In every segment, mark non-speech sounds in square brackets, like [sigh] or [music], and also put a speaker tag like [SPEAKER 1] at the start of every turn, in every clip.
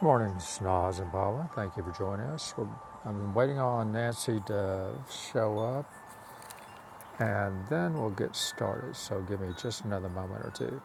[SPEAKER 1] Good Morning, Snaz and Paula. Thank you for joining us. We're, I'm waiting on Nancy to show up and then we'll get started. So give me just another moment or two.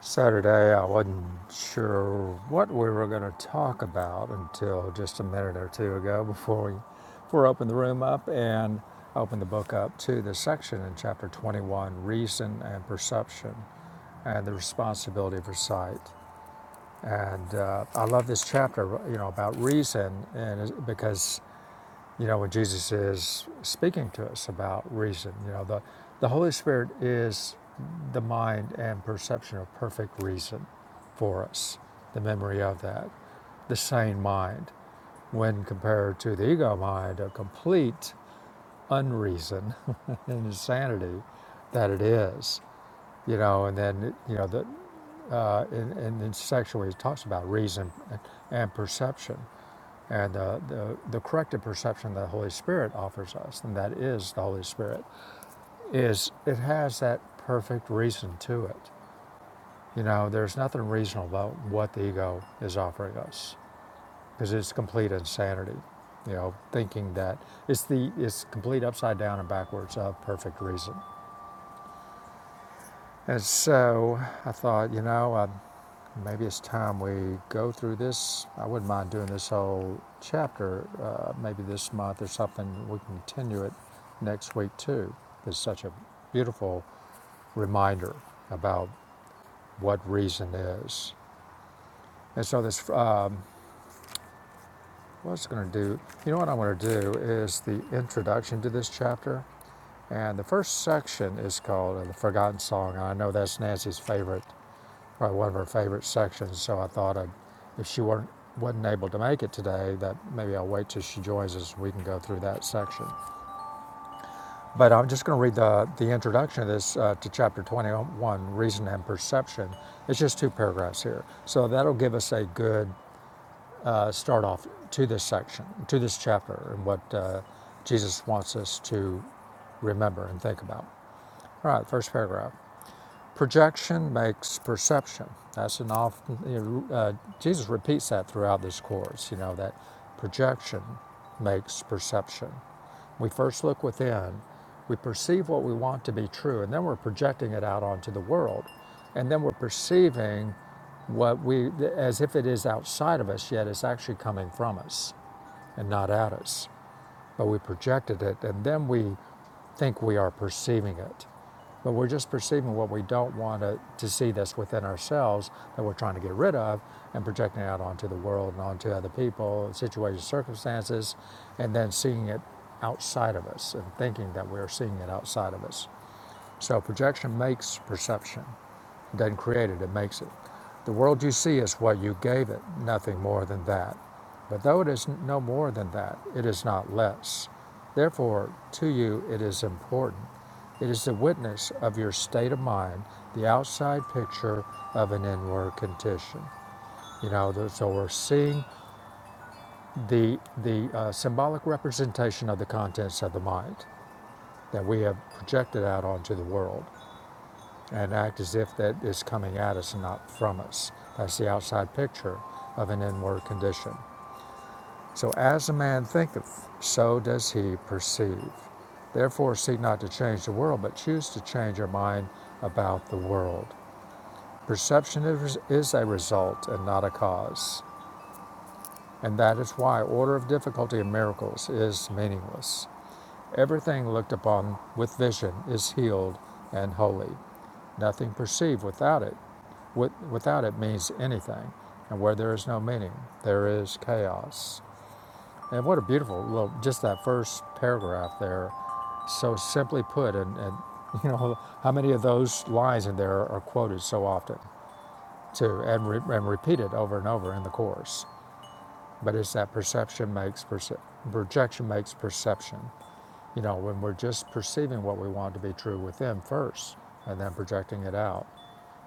[SPEAKER 1] Saturday, I wasn't sure what we were going to talk about until just a minute or two ago before we, before I opened the room up and opened the book up to the section in chapter 21 Reason and Perception and the Responsibility for Sight. And uh, I love this chapter, you know, about reason, and because you know when Jesus is speaking to us about reason, you know, the the Holy Spirit is the mind and perception of perfect reason for us, the memory of that, the sane mind, when compared to the ego mind, a complete unreason [laughs] and insanity that it is, you know, and then you know the uh, in, in, in sexually, it talks about reason and, and perception and uh, the, the corrective perception that the Holy Spirit offers us, and that is the Holy Spirit, is it has that perfect reason to it. You know, there's nothing reasonable about what the ego is offering us because it's complete insanity. You know, thinking that it's the it's complete upside down and backwards of perfect reason. And so I thought, you know, um, Maybe it's time we go through this. I wouldn't mind doing this whole chapter, uh, maybe this month or something. We can continue it next week too. It's such a beautiful reminder about what reason is. And so this, uh, what's going to do? You know what I want to do is the introduction to this chapter, and the first section is called uh, "The Forgotten Song." I know that's Nancy's favorite probably one of her favorite sections. So I thought I'd, if she weren't, wasn't able to make it today, that maybe I'll wait till she joins us. We can go through that section. But I'm just going to read the, the introduction of this uh, to chapter 21, Reason and Perception. It's just two paragraphs here. So that'll give us a good uh, start off to this section, to this chapter, and what uh, Jesus wants us to remember and think about. All right, first paragraph. Projection makes perception. That's an often, you know, uh, Jesus repeats that throughout this course, you know, that projection makes perception. We first look within, we perceive what we want to be true, and then we're projecting it out onto the world. And then we're perceiving what we, as if it is outside of us, yet it's actually coming from us and not at us but we projected it, and then we think we are perceiving it. But we're just perceiving what we don't want to, to see that's within ourselves that we're trying to get rid of and projecting out onto the world and onto other people, situations, circumstances, and then seeing it outside of us and thinking that we're seeing it outside of us. So projection makes perception. It doesn't create it, it makes it. The world you see is what you gave it, nothing more than that. But though it is no more than that, it is not less. Therefore, to you it is important. It is the witness of your state of mind, the outside picture of an inward condition. You know, so we're seeing the the uh, symbolic representation of the contents of the mind that we have projected out onto the world and act as if that is coming at us and not from us. That's the outside picture of an inward condition. So, as a man thinketh, so does he perceive. Therefore, seek not to change the world, but choose to change your mind about the world. Perception is a result and not a cause. And that is why order of difficulty in miracles is meaningless. Everything looked upon with vision is healed and holy. Nothing perceived without it With, without it means anything. And where there is no meaning, there is chaos. And what a beautiful little, just that first paragraph there, so simply put. And, and [laughs] you know, how many of those lines in there are quoted so often, too, and, re- and repeated over and over in the course. But it's that perception makes perce- projection makes perception. You know, when we're just perceiving what we want to be true within first, and then projecting it out.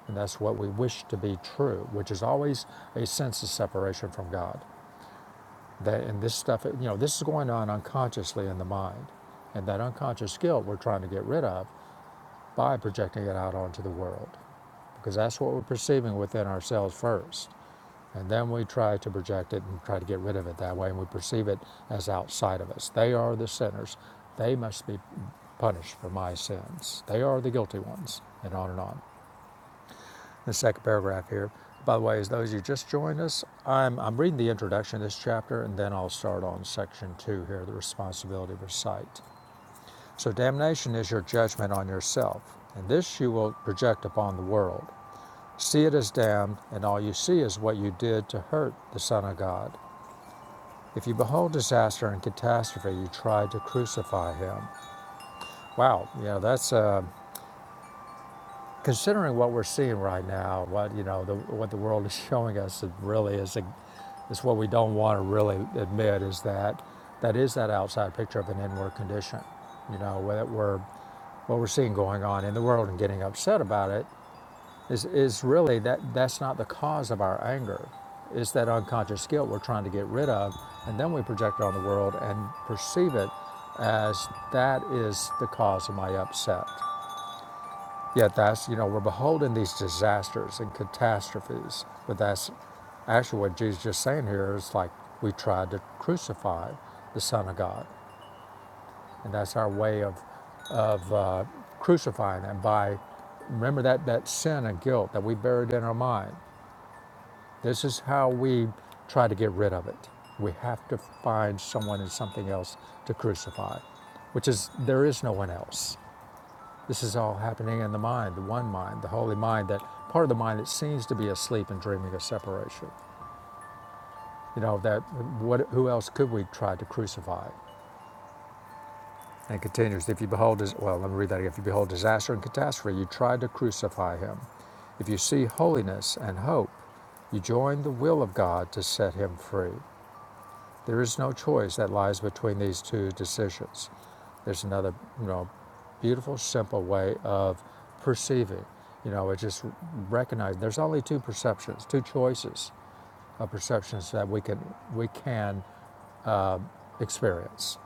[SPEAKER 1] And that's what we wish to be true, which is always a sense of separation from God. That and this stuff, you know, this is going on unconsciously in the mind. And that unconscious guilt we're trying to get rid of by projecting it out onto the world. Because that's what we're perceiving within ourselves first. And then we try to project it and try to get rid of it that way, and we perceive it as outside of us. They are the sinners. They must be punished for my sins. They are the guilty ones, and on and on the second paragraph here. By the way, as those of you just joined us, I'm, I'm reading the introduction to this chapter and then I'll start on section two here the responsibility for sight. So, damnation is your judgment on yourself, and this you will project upon the world. See it as damned, and all you see is what you did to hurt the Son of God. If you behold disaster and catastrophe, you try to crucify him. Wow, you know, that's. Uh, Considering what we're seeing right now, what you know, the, what the world is showing us, it really is a, is what we don't want to really admit is that that is that outside picture of an inward condition. You know, whether we're what we're seeing going on in the world and getting upset about it is is really that that's not the cause of our anger. It's that unconscious guilt we're trying to get rid of, and then we project it on the world and perceive it as that is the cause of my upset. Yet that's, you know, we're beholding these disasters and catastrophes. But that's actually what Jesus is just saying here is like we tried to crucify the Son of God. And that's our way of, of uh, crucifying him by, remember that, that sin and guilt that we buried in our mind. This is how we try to get rid of it. We have to find someone and something else to crucify, which is there is no one else. This is all happening in the mind, the one mind, the holy mind, that part of the mind that seems to be asleep and dreaming of separation. You know, that what, who else could we try to crucify? And it continues, if you behold, dis- well, let me read that again. If you behold disaster and catastrophe, you try to crucify him. If you see holiness and hope, you join the will of God to set him free. There is no choice that lies between these two decisions. There's another, you know, beautiful, simple way of perceiving. You know, it's just recognizing there's only two perceptions, two choices of perceptions that we can we can experience.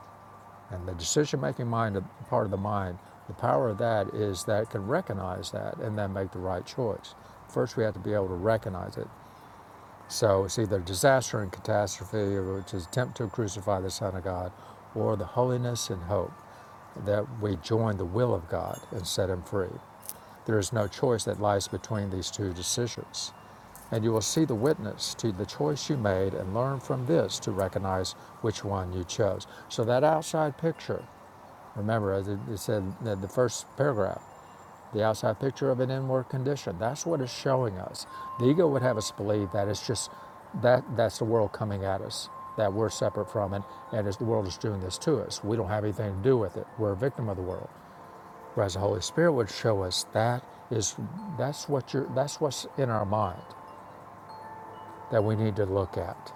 [SPEAKER 1] And the decision-making mind, part of the mind, the power of that is that it can recognize that and then make the right choice. First, we have to be able to recognize it so it's either disaster and catastrophe, which is attempt to crucify the Son of God, or the holiness and hope that we join the will of God and set him free. There is no choice that lies between these two decisions. And you will see the witness to the choice you made and learn from this to recognize which one you chose. So that outside picture, remember, as it said in the first paragraph, the outside picture of an inward condition. That's what it's showing us. The ego would have us believe that it's just that that's the world coming at us, that we're separate from it, and it's, the world is doing this to us. We don't have anything to do with it. We're a victim of the world. Whereas the Holy Spirit would show us that is that's what you're that's what's in our mind that we need to look at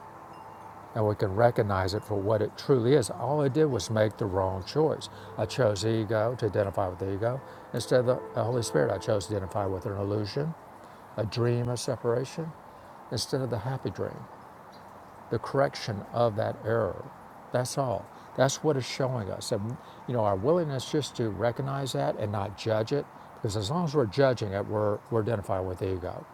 [SPEAKER 1] and we can recognize it for what it truly is. All I did was make the wrong choice. I chose ego to identify with the ego. Instead of the the Holy Spirit, I chose to identify with an illusion, a dream of separation, instead of the happy dream the correction of that error. That's all. That's what it's showing us. And, you know, our willingness just to recognize that and not judge it, because as long as we're judging it, we're, we're identifying with ego.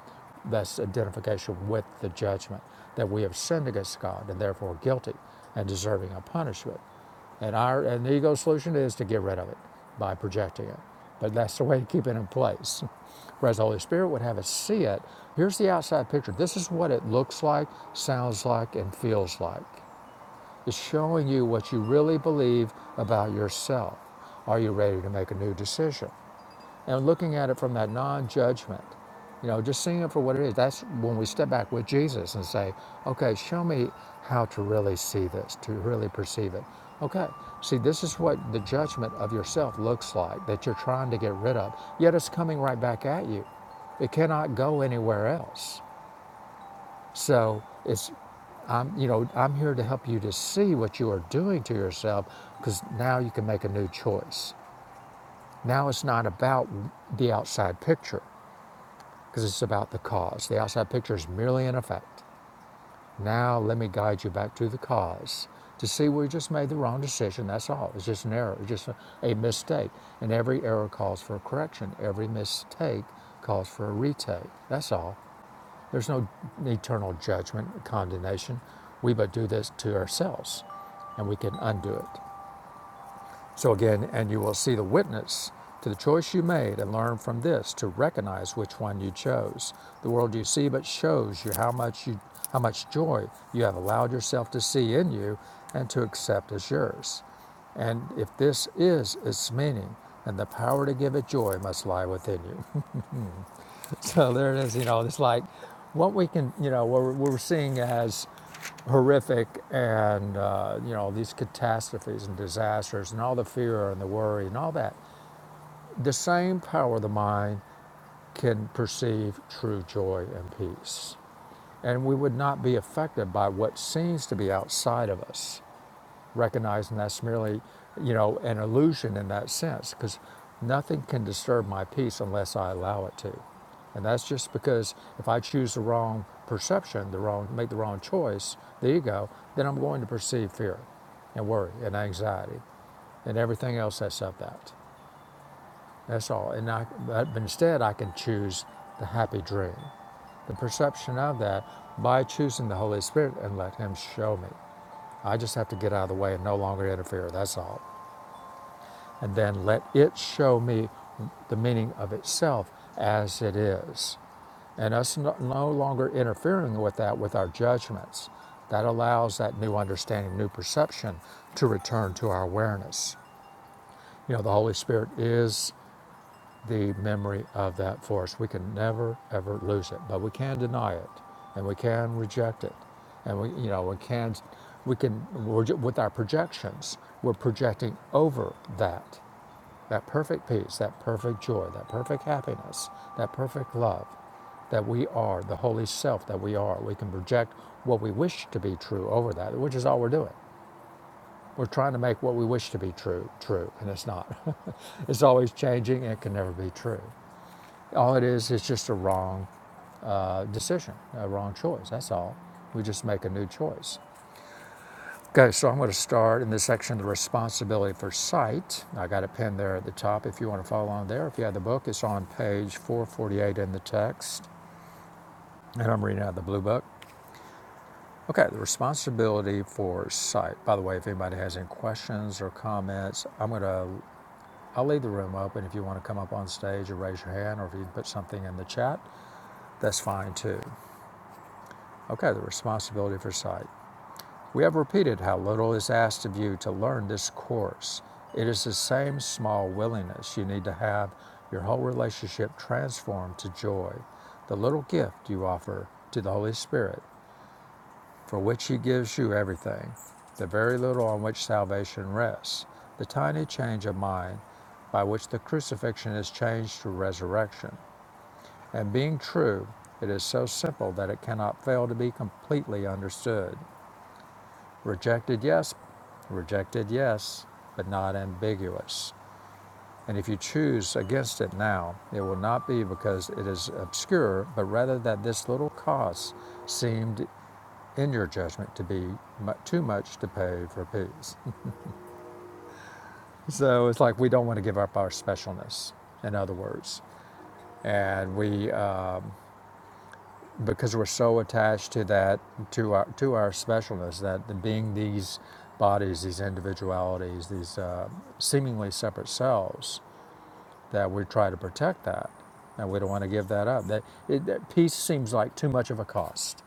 [SPEAKER 1] That's identification with the judgment that we have sinned against God and therefore guilty and deserving of punishment. And our and the ego solution is to get rid of it by projecting it. But that's the way to keep it in place. [laughs] Whereas the Holy Spirit would have us see it. Here's the outside picture. This is what it looks like, sounds like, and feels like. It's showing you what you really believe about yourself. Are you ready to make a new decision? and looking at it from that non-judgment you know just seeing it for what it is that's when we step back with jesus and say okay show me how to really see this to really perceive it okay see this is what the judgment of yourself looks like that you're trying to get rid of yet it's coming right back at you it cannot go anywhere else so it's I'm, you know, I'm here to help you to see what you are doing to yourself because now you can make a new choice. Now it's not about the outside picture because it's about the cause. The outside picture is merely an effect. Now let me guide you back to the cause to see we just made the wrong decision. That's all. It's just an error, it's just a, a mistake. And every error calls for a correction. Every mistake calls for a retake. That's all. There's no eternal judgment, condemnation. We but do this to ourselves, and we can undo it. So again, and you will see the witness to the choice you made and learn from this to recognize which one you chose. The world you see but shows you how much you how much joy you have allowed yourself to see in you and to accept as yours. And if this is its meaning, then the power to give it joy must lie within you. [laughs] So there it is, you know, it's like what we can, you know, what we're, seeing as horrific and, uh, you know, these catastrophes and disasters and all the fear and the worry and all that. The same power of the mind can perceive true joy and peace. And we would not be affected by what seems to be outside of us recognizing that's merely, you know, an illusion in that sense, because nothing can disturb my peace unless I allow it to. And that's just because if I choose the wrong perception, the wrong make the wrong choice, the ego, then I'm going to perceive fear and worry and anxiety and everything else that's of that. That's all. And I, but instead, I can choose the happy dream, the perception of that by choosing the Holy Spirit and let Him show me. I just have to get out of the way and no longer interfere, that's all. And then let it show me the meaning of itself as it is. And us no, no longer interfering with that with our judgments. That allows that new understanding, new perception to return to our awareness. You know, the Holy Spirit is the memory of that force. We can never ever lose it, but we can deny it, and we can reject it, and we you know we can we can we're, with our projections we're projecting over that that perfect peace, that perfect joy, that perfect happiness, that perfect love that we are the holy self that we are. We can project what we wish to be true over that, which is all we're doing. We're trying to make what we wish to be true true, and it's not. [laughs] it's always changing and it can never be true. All it is is just a wrong uh, decision, a wrong choice. That's all. We just make a new choice. Okay, so I'm going to start in this section the responsibility for sight. I got a pin there at the top if you want to follow along there. If you have the book, it's on page 448 in the text, and I'm reading out of the blue book. Okay, the responsibility for sight. By the way, if anybody has any questions or comments, I'm going to I'll leave the room open if you want to come up on stage or raise your hand or if you can put something in the chat, that's fine too. Okay, the responsibility for sight. We have repeated how little is asked of you to learn this course. It is the same small willingness you need to have your whole relationship transformed to joy, the little gift you offer to the Holy Spirit, for which He gives you everything, the very little on which salvation rests, the tiny change of mind by which the crucifixion is changed to resurrection. And being true, it is so simple that it cannot fail to be completely understood. Rejected, yes. Rejected, yes, but not ambiguous. And if you choose against it now, it will not be because it is obscure, but rather that this little cost seemed, in your judgment, to be too much to pay for peace. [laughs] so it's like we don't want to give up our specialness, in other words. And we, uh, because we're so attached to that to our to our specialness that being these bodies these individualities these uh, seemingly separate selves that we try to protect that and we don't want to give that up that, it, that peace seems like too much of a cost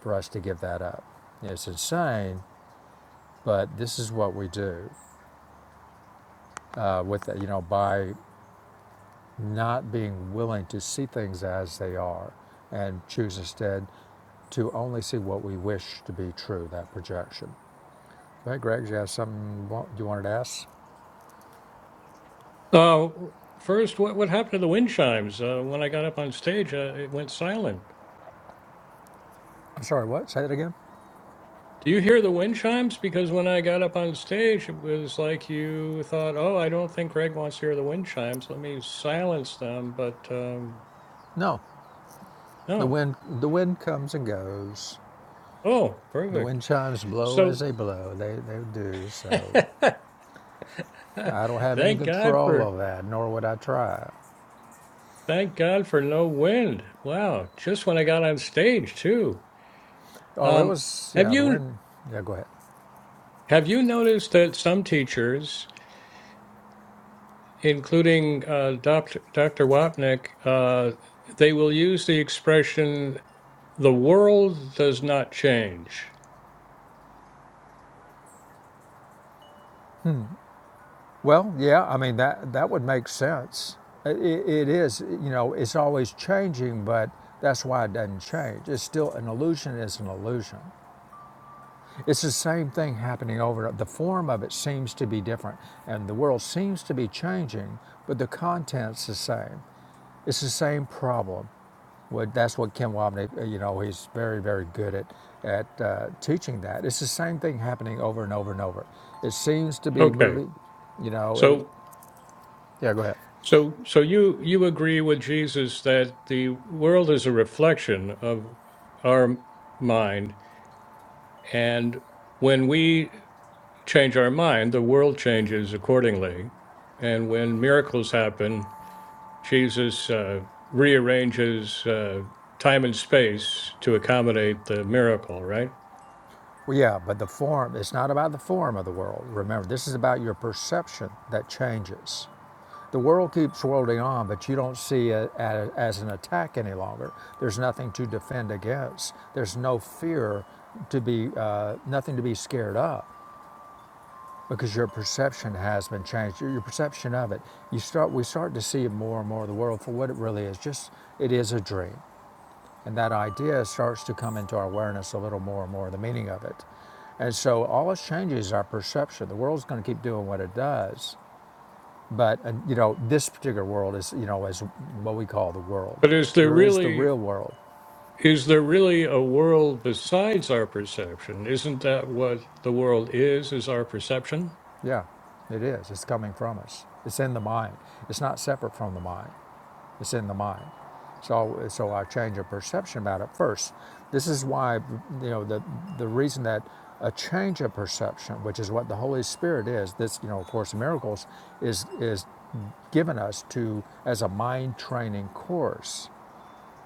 [SPEAKER 1] for us to give that up it's insane but this is what we do uh, with you know by not being willing to see things as they are and choose instead to only see what we wish to be true, that projection. Right, Greg, you have something you you wanted to ask?
[SPEAKER 2] Uh, first, what, what happened to the wind chimes? Uh, when I got up on stage, uh, it went silent.
[SPEAKER 1] I'm sorry, what? Say that again?
[SPEAKER 2] Do you hear the wind chimes? Because when I got up on stage, it was like you thought, oh, I don't think Greg wants to hear the wind chimes. Let me silence them. But um,
[SPEAKER 1] No. The
[SPEAKER 2] no.
[SPEAKER 1] wind the wind comes and goes.
[SPEAKER 2] Oh,
[SPEAKER 1] The
[SPEAKER 2] perfect.
[SPEAKER 1] wind chimes blow as
[SPEAKER 2] So
[SPEAKER 1] they blow. They they do,
[SPEAKER 2] [laughs]
[SPEAKER 1] so
[SPEAKER 2] thank
[SPEAKER 1] I don't have any
[SPEAKER 2] God
[SPEAKER 1] control
[SPEAKER 2] for.
[SPEAKER 1] of that, nor would I try.
[SPEAKER 2] Thank God for no wind. Wow, just when I got on stage too.
[SPEAKER 1] Oh, it
[SPEAKER 2] Um,
[SPEAKER 1] was
[SPEAKER 2] have
[SPEAKER 1] yeah, the
[SPEAKER 2] you
[SPEAKER 1] wind yeah, go ahead.
[SPEAKER 2] have you noticed that some teachers including uh, Dr. Dr. Wapnick, uh, they will use the expression "the world does not change."
[SPEAKER 1] Well, yeah, I mean that that would make sense. It, it is, you know, it's always changing, but that's why it doesn't change. It's still an illusion. Is an illusion. It's the same thing happening over. The form of it seems to be different, and the world seems to be changing, but the content's the same. It's the same problem. that's what Ken Wobnick, uh, you know, he's very very good at at uh, teaching that. It's the same thing happening over and over and over. It seems to be
[SPEAKER 2] Okay,
[SPEAKER 1] moving, you know. It,
[SPEAKER 2] so
[SPEAKER 1] yeah, go ahead.
[SPEAKER 2] so so you you agree with Jesus that the world is a reflection of our mind, and when we change our mind, the world changes accordingly, and when miracles happen. Jesus uh, rearranges uh, time and space to accommodate the miracle, right?
[SPEAKER 1] Well, yeah, but the form, it's not about the form of the world. Remember, this is about your perception that changes. The world keeps whirling on, but you don't see it as an attack any longer. There's nothing to defend against, there's no fear to be, uh, nothing to be scared of. Because your perception has been changed, your your perception of it. You start, we start to see more and more of the world for what it really is. Just, it is a dream. And that idea starts to come into our awareness a little more and more, the meaning of it. And so all this changes our perception. The world's going to keep doing what it does. But, uh, you know, this particular world is, you know, is what we call the world.
[SPEAKER 2] But is there
[SPEAKER 1] There is the
[SPEAKER 2] really
[SPEAKER 1] real world.
[SPEAKER 2] is there really a world besides our perception? Isn't that what the world is? Is our perception?
[SPEAKER 1] Yeah, it is. It's coming from us. It's in the mind. It's not separate from the mind. It's in the mind. So, so our change of perception about it first. This is why, you know, the, the reason that a change of perception, which is what the Holy Spirit is, this, you know, of course, miracles is, is given us to, as a mind training course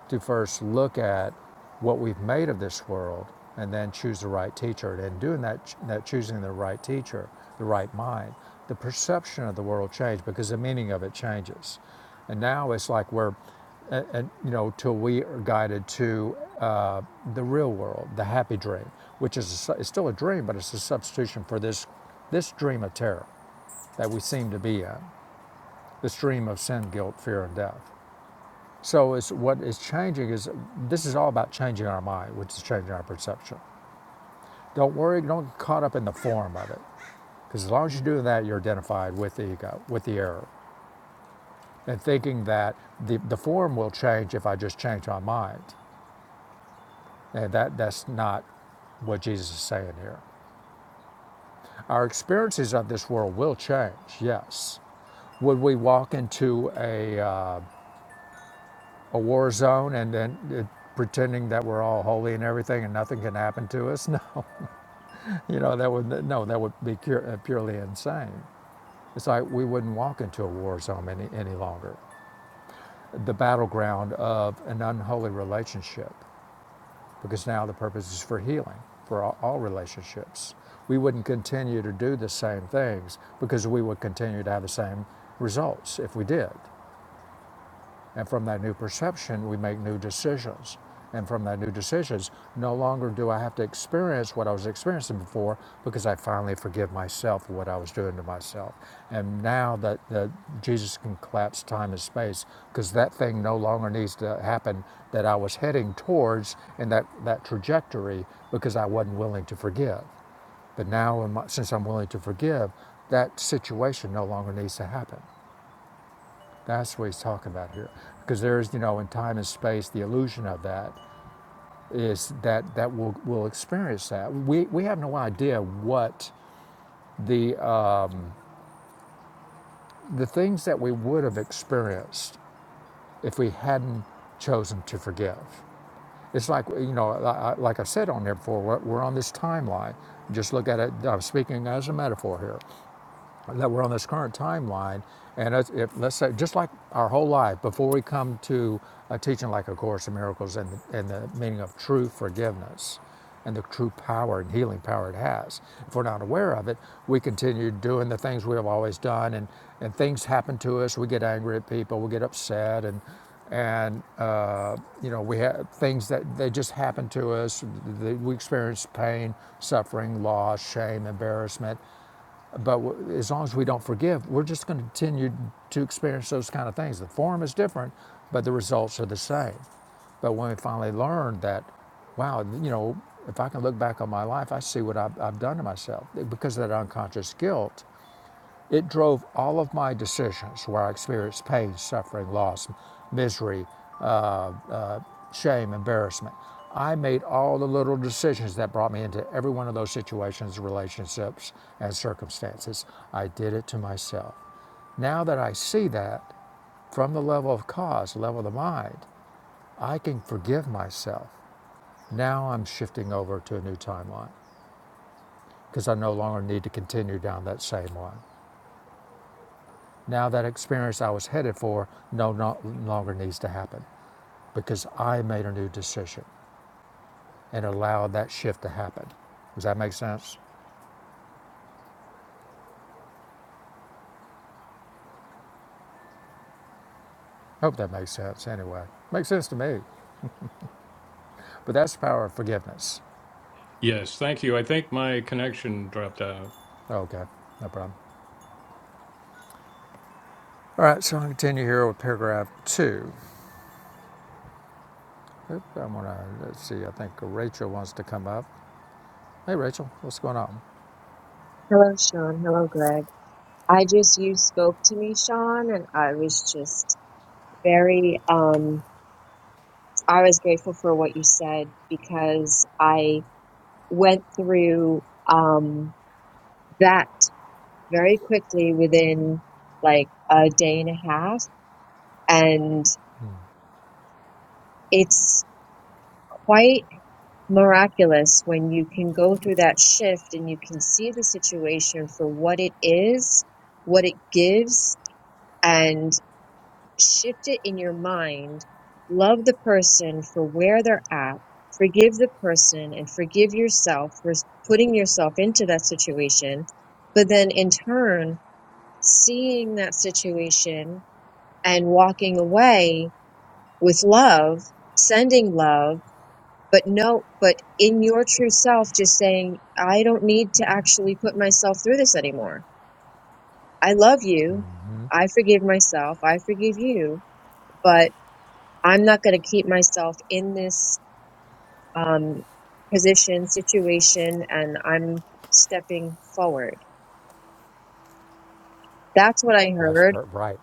[SPEAKER 1] to first look at what we've made of this world and then choose the right teacher. And in doing that, that choosing the right teacher, the right mind, the perception of the world changed because the meaning of it changes. And now it's like we're, and, and, you know, till we are guided to uh, the real world, the happy dream, which is a, it's still a dream, but it's a substitution for this, this dream of terror that we seem to be in, this dream of sin, guilt, fear, and death. So it's, what is changing is this is all about changing our mind, which is changing our perception. Don't worry, don't get caught up in the form of it. Because as long as you're doing that, you're identified with the ego, with the error, and thinking that the, the form will change if I just change my mind. And that, that's not what Jesus is saying here. Our experiences of this world will change, yes. Would we walk into a, uh, a war zone and then uh, pretending that we're all holy and everything and nothing can happen to us? [laughs] No. You know, that would no, that would be uh, purely insane. It's like we wouldn't walk into a war zone any, any longer, the battleground of an unholy relationship, because now the purpose is for healing for all, all relationships. We wouldn't continue to do the same things because we would continue to have the same results if we did. And from that new perception, we make new decisions. And from that new decisions, no longer do I have to experience what I was experiencing before because I finally forgive myself for what I was doing to myself. And now that, that Jesus can collapse time and space because that thing no longer needs to happen that I was heading towards in that, that trajectory because I wasn't willing to forgive. But now, since I'm willing to forgive, that situation no longer needs to happen. That's what he's talking about here. Because there's, you know, in time and space, the illusion of that is that that we'll, we'll experience that. We, we have no idea what the, uh, the things that we would have experienced if we hadn't chosen to forgive. It's like, you know, like i said on there before, we're on this timeline. Just look at it, I'm speaking as a metaphor here. that we're on this current timeline, and it's- if, let's say, just like our whole life, before we come to a teaching like A Course in Miracles and, and the meaning of true forgiveness and the true power and healing power it has, if we're not aware of it, we continue doing the things we have always done, and, and things happen to us. We get angry at people, we get upset, and and uh, you know we have things that they just happen to us. We experience pain, suffering, loss, shame, embarrassment, but as long as we don't forgive, we're just going to continue to experience those kind of things. The form is different, but the results are the same. But when we finally learn that, wow, you know, if I can look back on my life, I see what I've, I've done to myself eh, because of that unconscious guilt. It drove all of my decisions where I experienced pain, suffering, loss, misery, uh, uh, shame, embarrassment. I made all the little decisions that brought me into every one of those situations, relationships, and circumstances. I did it to myself. Now that I see that from the level of cause, level of the mind, I can forgive myself. Now I'm shifting over to a new timeline because I no longer need to continue down that same one. Now that experience I was headed for no, no longer needs to happen because I made a new decision and allowed that shift to happen. Does that make sense? I Hope that makes sense anyway. Makes sense to me. But that's the power of forgiveness.
[SPEAKER 2] Yes, thank you. I think my connection dropped out.
[SPEAKER 1] Okay, no problem. All right, so I'll continue here with paragraph two. Oop, I'm gonna, let's see, I think Rachel wants to come up. Hey, Rachel, what's going on?
[SPEAKER 3] Hello, Sean. Hello, Greg. I just, you spoke to me, Sean, and I was just very, um, I was grateful for what you said because I went through, um, that very quickly within like a day and a half. And it's quite miraculous when you can go through that shift and you can see the situation for what it is, what it gives, and. shift it in your mind. Love the person for where they're at. Forgive the person and forgive yourself for putting yourself into that situation. But then in turn, seeing that situation and walking away with love, sending love, but no, but in your true self, just saying, I don't need to actually put myself through this anymore. I love you. I forgive myself. I forgive you. But I'm not going to keep myself in this um, position, situation, and I'm stepping forward. That's what I
[SPEAKER 1] That's
[SPEAKER 3] heard.
[SPEAKER 1] per- right.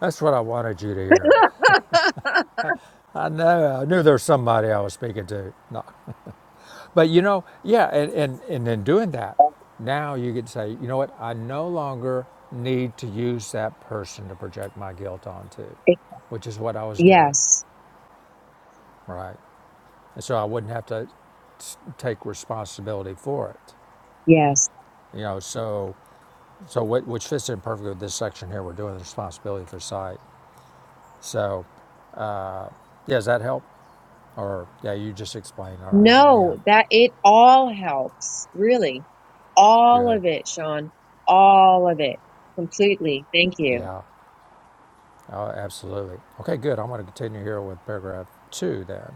[SPEAKER 1] That's what I wanted you to hear.
[SPEAKER 3] [laughs]
[SPEAKER 1] I know, I knew there was somebody I was speaking to. No. But you know, yeah, and, and, and then doing that, now you can say, you know what, I no longer need to use that person to project my guilt onto,
[SPEAKER 3] It-
[SPEAKER 1] which is what I was doing,
[SPEAKER 3] yes,
[SPEAKER 1] right? And so I wouldn't have to s- take responsibility for it,
[SPEAKER 3] yes.
[SPEAKER 1] you know. So, so what, which fits in perfectly with this section here, we're doing the responsibility for sight. So, yeah, does that help? Or yeah, you just explained. All right, yeah,
[SPEAKER 3] No, that it all helps, really. All
[SPEAKER 1] good,
[SPEAKER 3] of it, Sean. All of it. Completely. Thank you.
[SPEAKER 1] yeah. Oh, absolutely. Okay, good. I'm going to continue here with paragraph two then.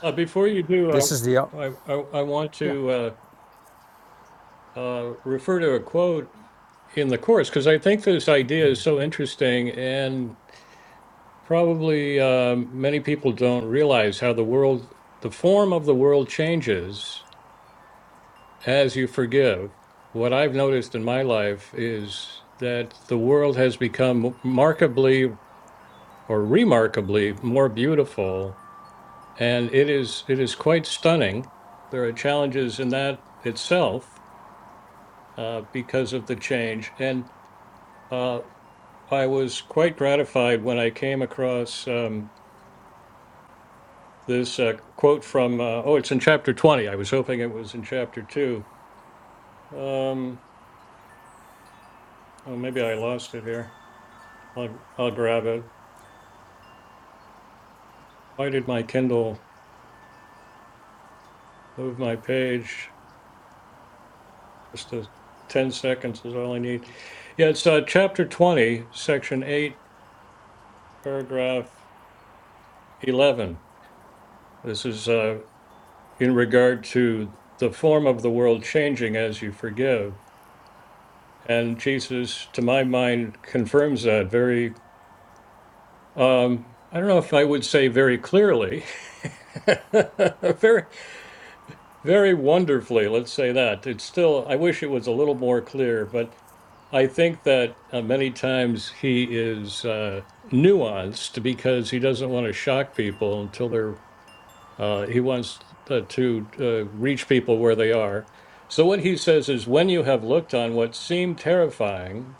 [SPEAKER 2] Uh, before you
[SPEAKER 1] This
[SPEAKER 2] do,
[SPEAKER 1] is the,
[SPEAKER 2] I, I, I I want
[SPEAKER 1] yeah,
[SPEAKER 2] to uh, uh, refer to a quote in the course because I think this idea is so interesting. And Probably um, many people don't realize how the world, the form of the world changes as you forgive. What I've noticed in my life is that the world has become markably or remarkably more beautiful, and it is it is quite stunning. There are challenges in that itself uh, because of the change, and uh, I was quite gratified when I came across. Um, this uh, quote from, uh, oh, it's in chapter 20. I was hoping it was in chapter two. Um, oh, maybe I lost it here. I'll, I'll grab it. Why did my Kindle move my page? Just a, 10 seconds is all I need. Yeah, it's uh, chapter 20, section 8, paragraph 11. This is uh, in regard to the form of the world changing as you forgive. And Jesus, to my mind, confirms that very Um, I don't know if I would say very clearly, [laughs] very, very wonderfully, let's say that. It's still, I wish it was a little more clear, but I think that uh, many times he is uh, nuanced because he doesn't want to shock people until they're, uh, he wants uh, to uh, reach people where they are. So what he says is when you have looked on what seemed terrifying,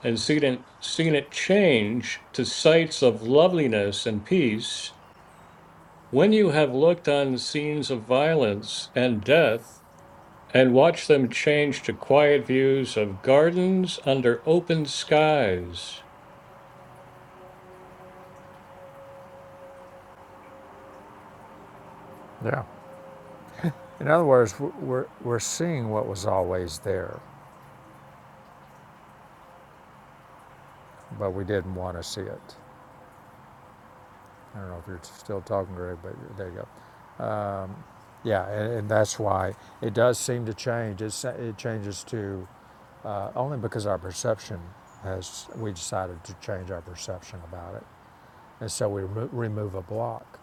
[SPEAKER 2] and seen it, seen it change to sights of loveliness and peace, when you have looked on scenes of violence and death, and watched them change to quiet views of gardens under open skies.
[SPEAKER 1] yeah. In other words, we're, we're seeing what was always there, but we didn't want to see it. I don't know if you're still talking, Greg, but there you go. Yeah, and, and that's why it does seem to change. It's, it changes to uh, only because our perception has, we decided to change our perception about it. And so we remo- remove a block.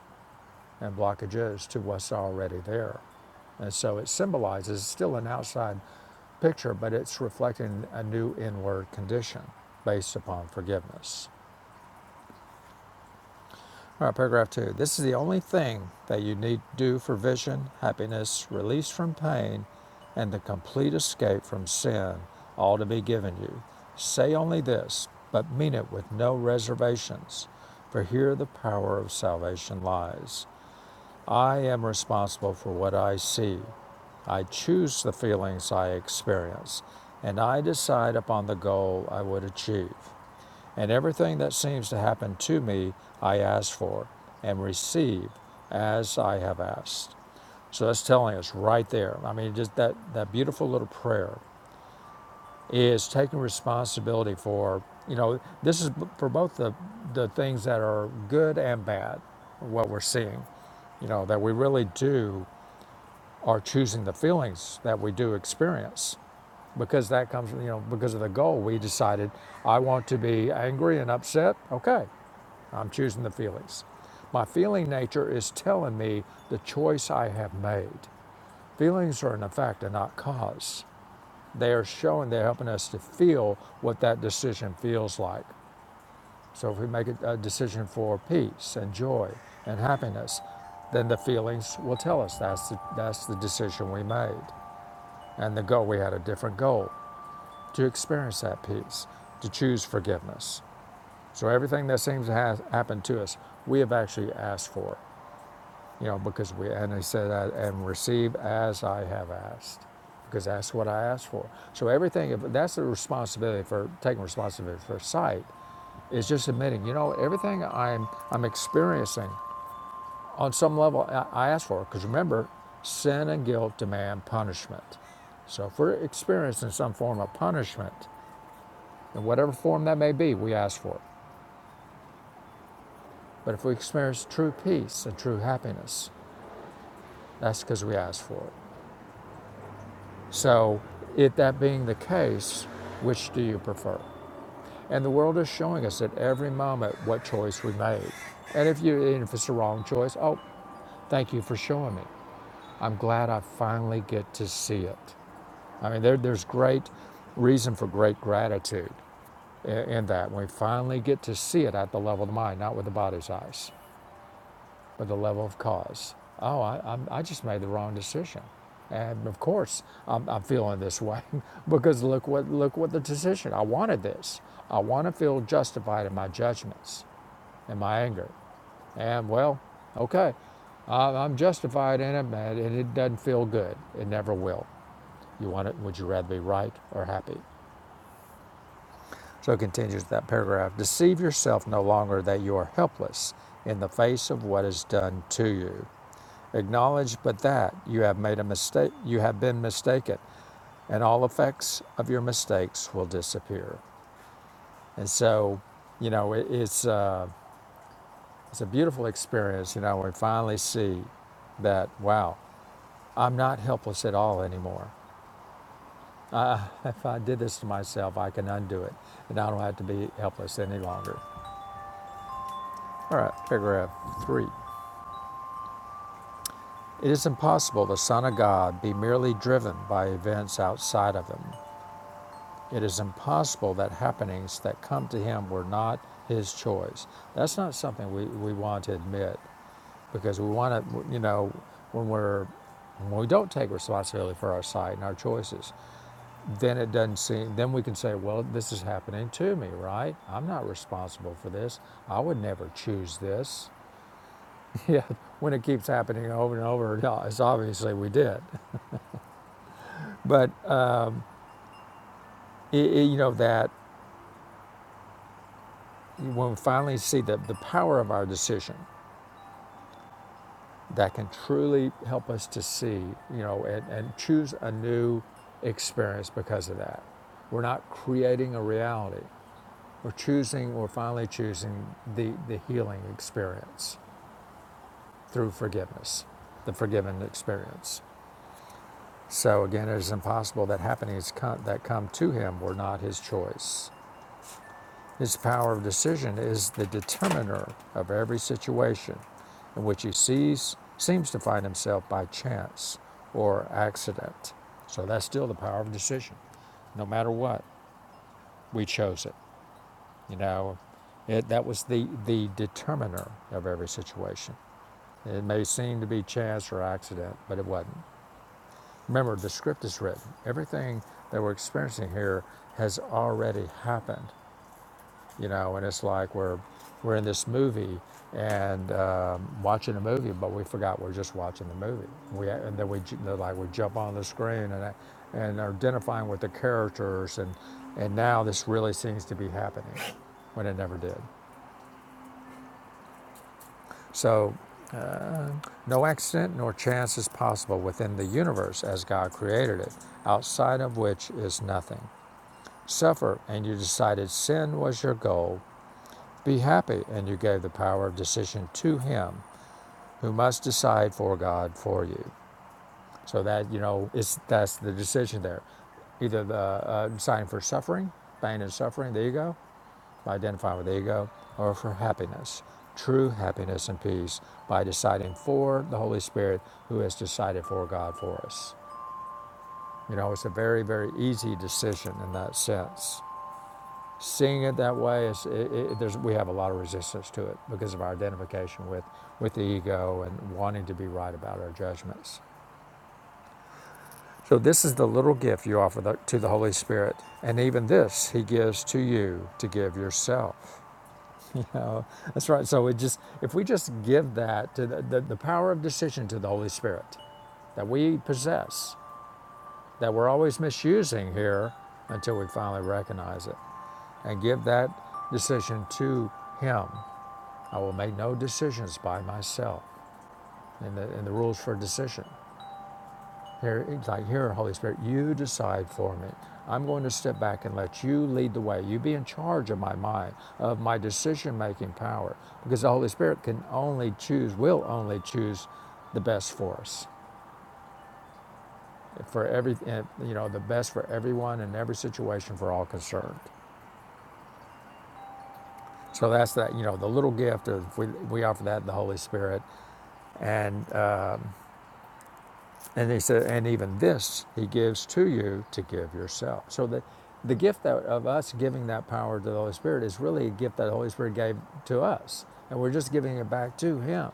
[SPEAKER 1] and blockage is to what's already there. And so it symbolizes still an outside picture, but it's reflecting a new inward condition based upon forgiveness. All right, paragraph two. This is the only thing that you need do for vision, happiness, release from pain, and the complete escape from sin, all to be given you. Say only this, but mean it with no reservations, for here the power of salvation lies. I am responsible for what I see. I choose the feelings I experience, and I decide upon the goal I would achieve. And everything that seems to happen to me, I ask for and receive as I have asked. So that's telling us right there. I mean, just that, that beautiful little prayer is taking responsibility for you know this is b- for both the the things that are good and bad what we're seeing you know that we really do are choosing the feelings that we do experience because that comes you know because of the goal we decided i want to be angry and upset okay i'm choosing the feelings my feeling nature is telling me the choice i have made feelings are an effect and not cause they are showing, they're helping us to feel what that decision feels like. So if we make a, a decision for peace and joy and happiness, then the feelings will tell us that's the, that's the decision we made. And the goal, we had a different goal to experience that peace, to choose forgiveness. So everything that seems to have happened to us, we have actually asked for. you know, because we, and he said, "Uh, and receive as I have asked, because that's what I asked for. So everything, that's the responsibility for taking responsibility for sight, is just admitting, you know, everything I'm, I'm experiencing on some level I, I asked for. Because remember, sin and guilt demand punishment. So if we're experiencing some form of punishment, in whatever form that may be, we ask for it. But if we experience true peace and true happiness, that's because we asked for it. So, it that being the case, which do you prefer? And the world is showing us at every moment what choice we made. And if you and if it's the wrong choice, oh, thank you for showing me. I'm glad I finally get to see it. I mean, there, there's great reason for great gratitude in, in that. When we finally get to see it at the level of the mind, not with the body's eyes. but the level of cause. Oh, I, i just made the wrong decision, and of course I'm, I'm feeling this way [laughs] because look what look what the decision. I wanted this. I want to feel justified in my judgments and my anger, and well, okay, I- am justified in it, man, and it doesn't feel good. It never will. You want it? Would you rather be right or happy? So it continues that paragraph. Deceive yourself no longer that you are helpless in the face of what is done to you. Acknowledge but that you have made a mistake, you have been mistaken, and all effects of your mistakes will disappear. And so, you know, it, it's uh, it's a beautiful experience. You know, we finally see that wow, I'm not helpless at all anymore. Uh, [laughs] if I did this to myself, I can undo it, and I don't have to be helpless any longer. All right, paragraph three. It is impossible the Son of God be merely driven by events outside of him. It is impossible that happenings that come to him were not his choice. That's not something we, we want to admit because we want to, you know, when we're when we don't take responsibility for our sight and our choices, then it doesn't seem, then we can say, well, this is happening to me, right? I'm not responsible for this. I would never choose this. [laughs] yeah, when it keeps happening over and over, [laughs] yeah, it's obviously we did. But, uh, it, it- you know, that when we finally see the, the power of our decision, that can truly help us to see, you know, and, and choose a new experience because of that. We're not creating a reality. We're choosing, we're finally choosing the, the healing experience through forgiveness, the forgiven experience. So again, it is impossible that happenings come, that come to him were not his choice. His power of decision is the determiner of every situation in which he sees, seems to find himself by chance or accident. So that's still the power of decision. No matter what, we chose it. You know, it, that was the, the determiner of every situation. It may seem to be chance or accident, but it wasn't. Remember, the script is written. Everything that we're experiencing here has already happened you know and it's like we're we're in this movie and um, watching a movie but we forgot we're just watching the movie we and then we ju- they're like we jump on the screen and and are identifying with the characters and and now this really seems to be happening when it never did so no accident nor chance is possible within the universe as god created it outside of which is nothing suffer and you decided sin was your goal be happy and you gave the power of decision to him who must decide for God for you. So that you know, it's that's the decision there. Either the uh, deciding for suffering, pain and suffering, the ego, by identifying with the ego, or for happiness, true happiness and peace, by deciding for the Holy Spirit, who has decided for God for us. You know, it's a very very easy decision in that sense. Seeing it that way is it, it, there's, we have a lot of resistance to it because of our identification with with the ego and wanting to be right about our judgments. So, this is the little gift you offer the, to the Holy Spirit. And even this He gives to you to give yourself. [laughs] You know, that's right. So, it just if we just give that to the, the, the power of decision to the Holy Spirit that we possess, that we're always misusing here until we finally recognize it, and give that decision to Him. I will make no decisions by myself in the, and the rules for decision. Here, it's like, here, Holy Spirit, you decide for me. I'm going to step back and let you lead the way. You be in charge of my mind, of my decision making power, because the Holy Spirit can only choose, will only choose the best for us, for every, eh, you know, the best for everyone in every situation for all concerned. So that's that, you know, the little gift of we, we offer that to the Holy Spirit. And uh, And he said, and even this he gives to you to give yourself. So the, the gift that, of us giving that power to the Holy Spirit is really a gift that the Holy Spirit gave to us. And we're just giving it back to him.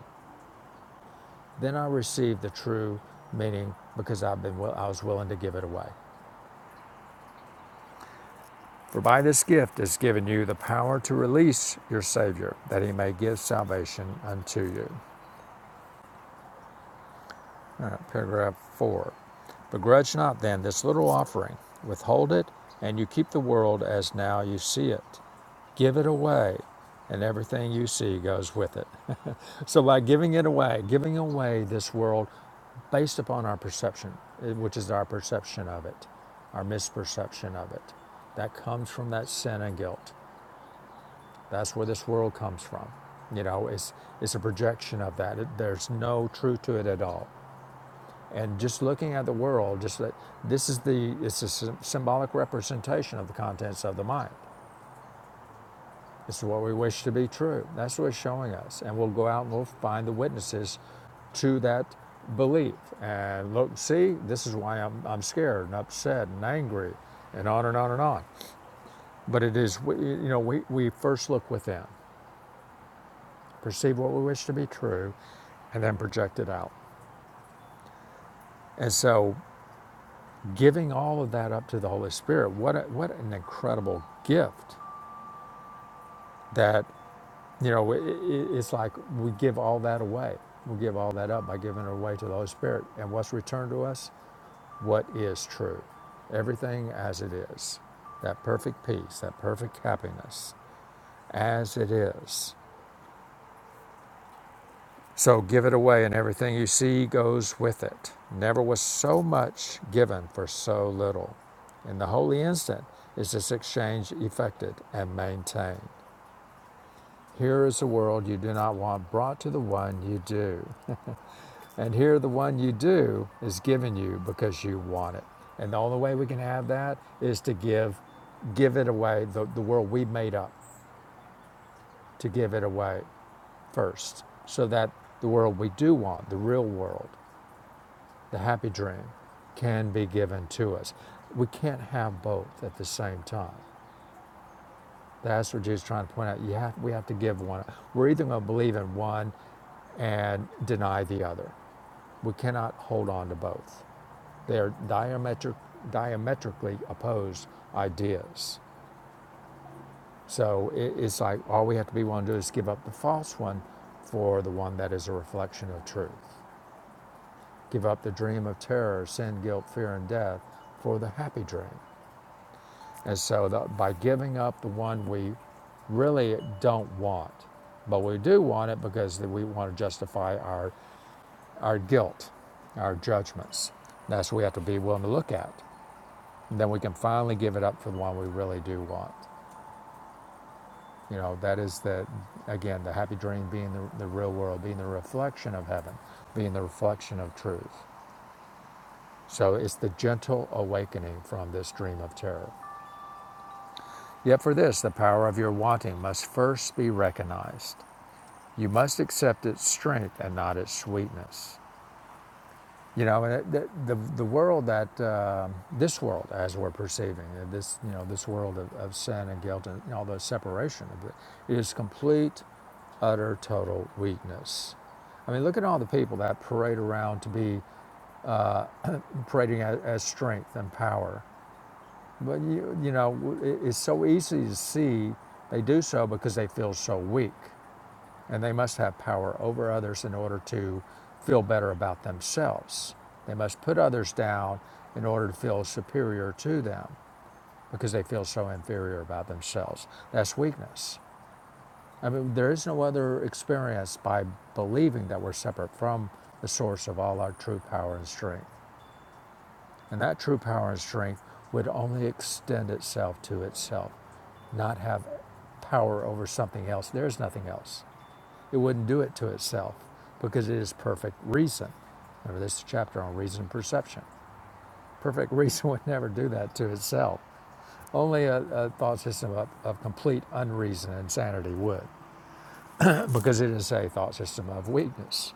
[SPEAKER 1] Then I received the true meaning because I've been I was willing to give it away. For by this gift is given you the power to release your Savior, that he may give salvation unto you. Paragraph 4. Begrudge not then this little offering. Withhold it, and you keep the world as now you see it. Give it away, and everything you see goes with it. [laughs] so, by giving it away, giving away this world based upon our perception, eh, which is our perception of it, our misperception of it, that comes from that sin and guilt. That's where this world comes from. You know, it's, it's a projection of that. It, there's no truth to it at all. And just looking at the world, just that this is the it's a symbolic representation of the contents of the mind. This is what we wish to be true. That's what it's showing us. And we'll go out and we'll find the witnesses to that belief. And look, see, this is why I'm, I'm scared and upset and angry and on and on and on. But it is, you know, we, we first look within, perceive what we wish to be true, and then project it out. And so giving all of that up to the Holy Spirit, what, a, what an incredible gift that, you know, i i it's like we give all that away. We give all that up by giving it away to the Holy Spirit. And what's returned to us? What is true. Everything as it is. That perfect peace, that perfect happiness as it is. So give it away, and everything you see goes with it. Never was so much given for so little. In the holy instant is this exchange effected and maintained. Here is a world you do not want brought to the one you do. And here the one you do is given you because you want it. And the only way we can have that is to give give it away, the, the world we made up, to give it away first. So that the world we do want, the real world, the happy dream can be given to us. We can't have both at the same time. That's what Jesus is trying to point out. You have, we have to give one. We're either going to believe in one and deny the other. We cannot hold on to both. They are diametric, diametrically opposed ideas. So it, it's like all we have to be willing to do is give up the false one for the one that is a reflection of truth. Give up the dream of terror, sin, guilt, fear, and death for the happy dream And so the, by giving up the one we really don't want, but we do want it because we want to justify our, our guilt, our judgments. That's what we have to be willing to look at. And then we can finally give it up for the one we really do want. You know, that is the, again, the happy dream being the, the real world, being the reflection of heaven, being the reflection of truth. So it's the gentle awakening from this dream of terror. Yet for this, the power of your wanting must first be recognized. You must accept its strength and not its sweetness. You know, and the, the, the world that, um this world as we're perceiving, uh, this, you know, this world of, of sin and guilt and all the separation of it, is complete, utter, total weakness. I mean, look at all the people that parade around to be parading as, as strength and power. But, you, you know, it's so easy to see they do so because they feel so weak and they must have power over others in order to feel better about themselves. They must put others down in order to feel superior to them because they feel so inferior about themselves. That's weakness. I mean, there is no other experience by believing that we're separate from the source of all our true power and strength. And that true power and strength would only extend itself to itself, not have power over something else. There's nothing else. It wouldn't do it to itself because it is perfect reason. Remember, this is a chapter on reason and perception. Perfect [laughs] reason would never do that to itself. Only a, a thought system of, of complete unreason and insanity would, [clears throat] because it is a thought system of weakness.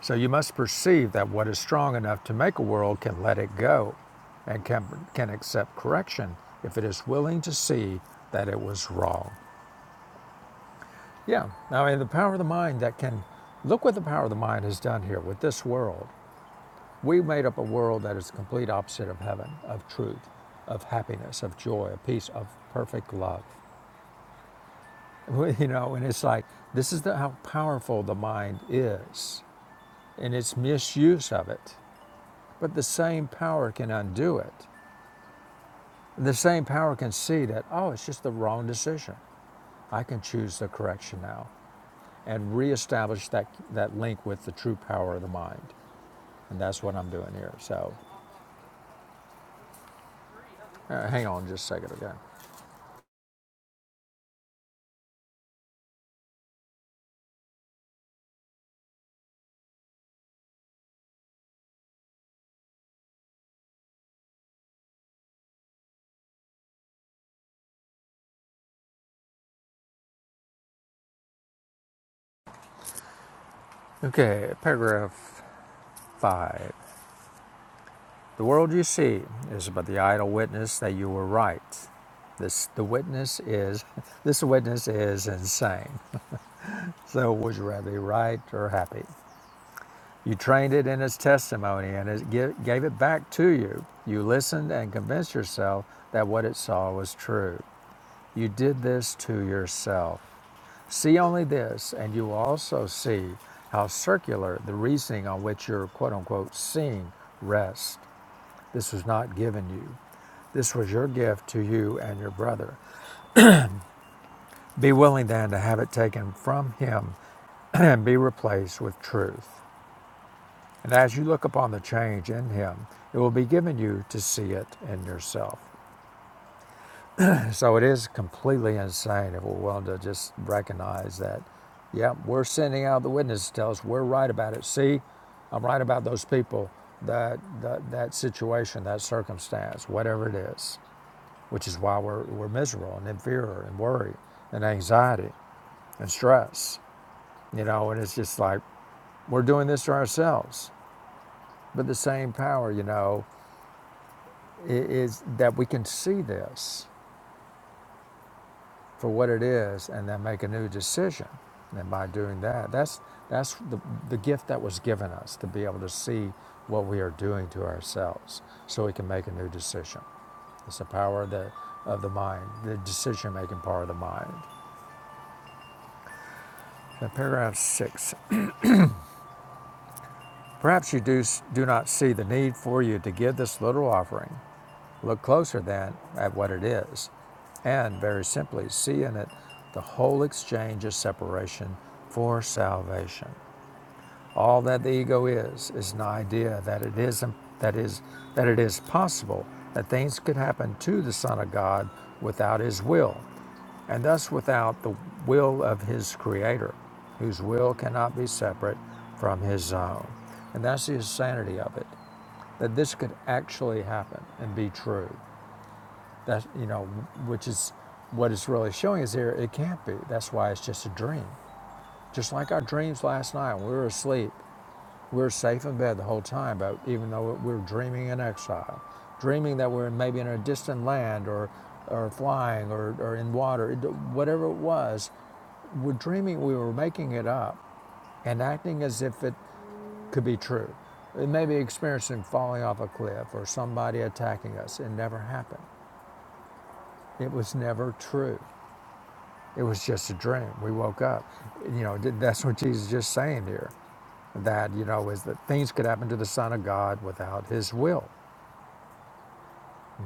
[SPEAKER 1] So you must perceive that what is strong enough to make a world can let it go and can, can accept correction if it is willing to see that it was wrong. Yeah, I mean, the power of the mind that can look what the power of the mind has done here with this world. We made up a world that is the complete opposite of heaven, of truth, of happiness, of joy, of peace, of perfect love. [laughs] You know, and it's like this is the, how powerful the mind is and its misuse of it. But the same power can undo it. The same power can see that, oh, it's just the wrong decision. I can choose the correction now and reestablish that, that link with the true power of the mind. And that's what I'm doing here. So uh, hang on just a second again. Okay, paragraph five. The world you see is but the idle witness that you were right. This the witness is [laughs] this witness is insane. So would you rather be right or happy? You trained it in its testimony and it gi- gave it back to you. You listened and convinced yourself that what it saw was true. You did this to yourself. See only this, and you will also see how circular the reasoning on which your quote unquote seeing rests. This was not given you. This was your gift to you and your brother. Be willing then to have it taken from him [clears throat] and be replaced with truth. And as you look upon the change in him, it will be given you to see it in yourself. So it is completely insane if we're willing to just recognize that, yeah, we're sending out the witness to tell us we're right about it. See, I'm right about those people, that that, that situation, that circumstance, whatever it is, which is why we're, we're miserable and in fear and worry and anxiety and stress, you know, and it's just like we're doing this to ourselves. But the same power, you know, is that we can see this for what it is and then make a new decision. And by doing that, that's, that's the, the gift that was given us to be able to see what we are doing to ourselves so we can make a new decision. It's the power of the, of the mind, the decision making power of the mind. Now, paragraph six. Perhaps you do, do not see the need for you to give this little offering. Look closer then at what it is, and very simply see in it the whole exchange of separation for salvation. All that the ego is is an idea that it is um, that is that it is possible that things could happen to the Son of God without his will, and thus without the will of his creator, whose will cannot be separate from his own. And that's the insanity of it. That this could actually happen and be true. That you know, which is what it's really showing is here, it can't be. That's why it's just a dream. Just like our dreams last night when we were asleep. We're safe in bed the whole time, but even though we're dreaming in exile, dreaming that we're maybe in a distant land or, or flying or, or in water, whatever it was, we're dreaming we were making it up and acting as if it could be true. It may be experiencing falling off a cliff or somebody attacking us. It never happened. It was never true. It was just a dream. We woke up. You know, th- that's what Jesus is just saying here. That, you know, is that things could happen to the Son of God without his will.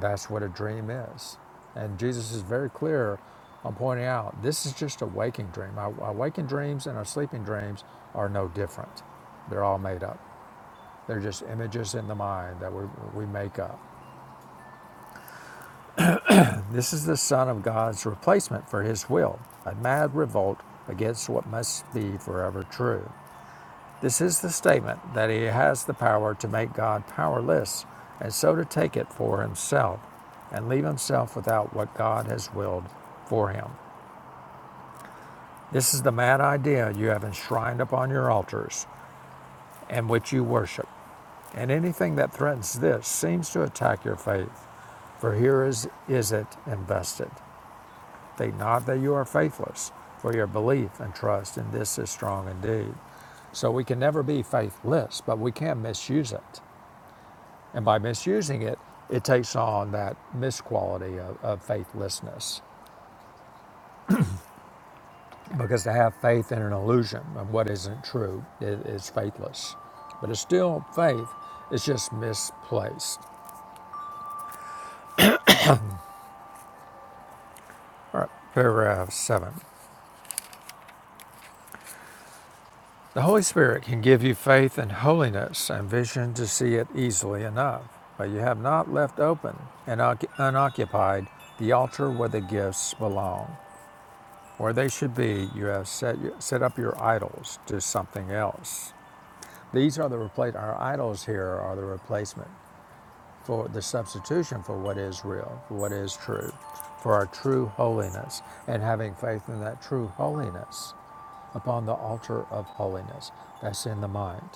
[SPEAKER 1] That's what a dream is. And Jesus is very clear on pointing out this is just a waking dream. Our, our waking dreams and our sleeping dreams are no different. They're all made up. They're just images in the mind that we, we make up. This is the Son of God's replacement for his will, a mad revolt against what must be forever true. This is the statement that he has the power to make God powerless and so to take it for himself and leave himself without what God has willed for him. This is the mad idea you have enshrined upon your altars and which you worship. And anything that threatens this seems to attack your faith, for here is, is it invested. Think not that you are faithless, for your belief and trust in this is strong indeed. So we can never be faithless, but we can misuse it. And by misusing it, it takes on that misquality of, of faithlessness. Because to have faith in an illusion of what isn't true i- is faithless. But it's still faith, it's just misplaced. All right, paragraph seven. The Holy Spirit can give you faith and holiness and vision to see it easily enough, but you have not left open and unoccupied the altar where the gifts belong. or they should be. You have set set up your idols to something else. These are the replace. Our idols here are the replacement for the substitution for what is real, for what is true, for our true holiness, and having faith in that true holiness upon the altar of holiness that's in the mind.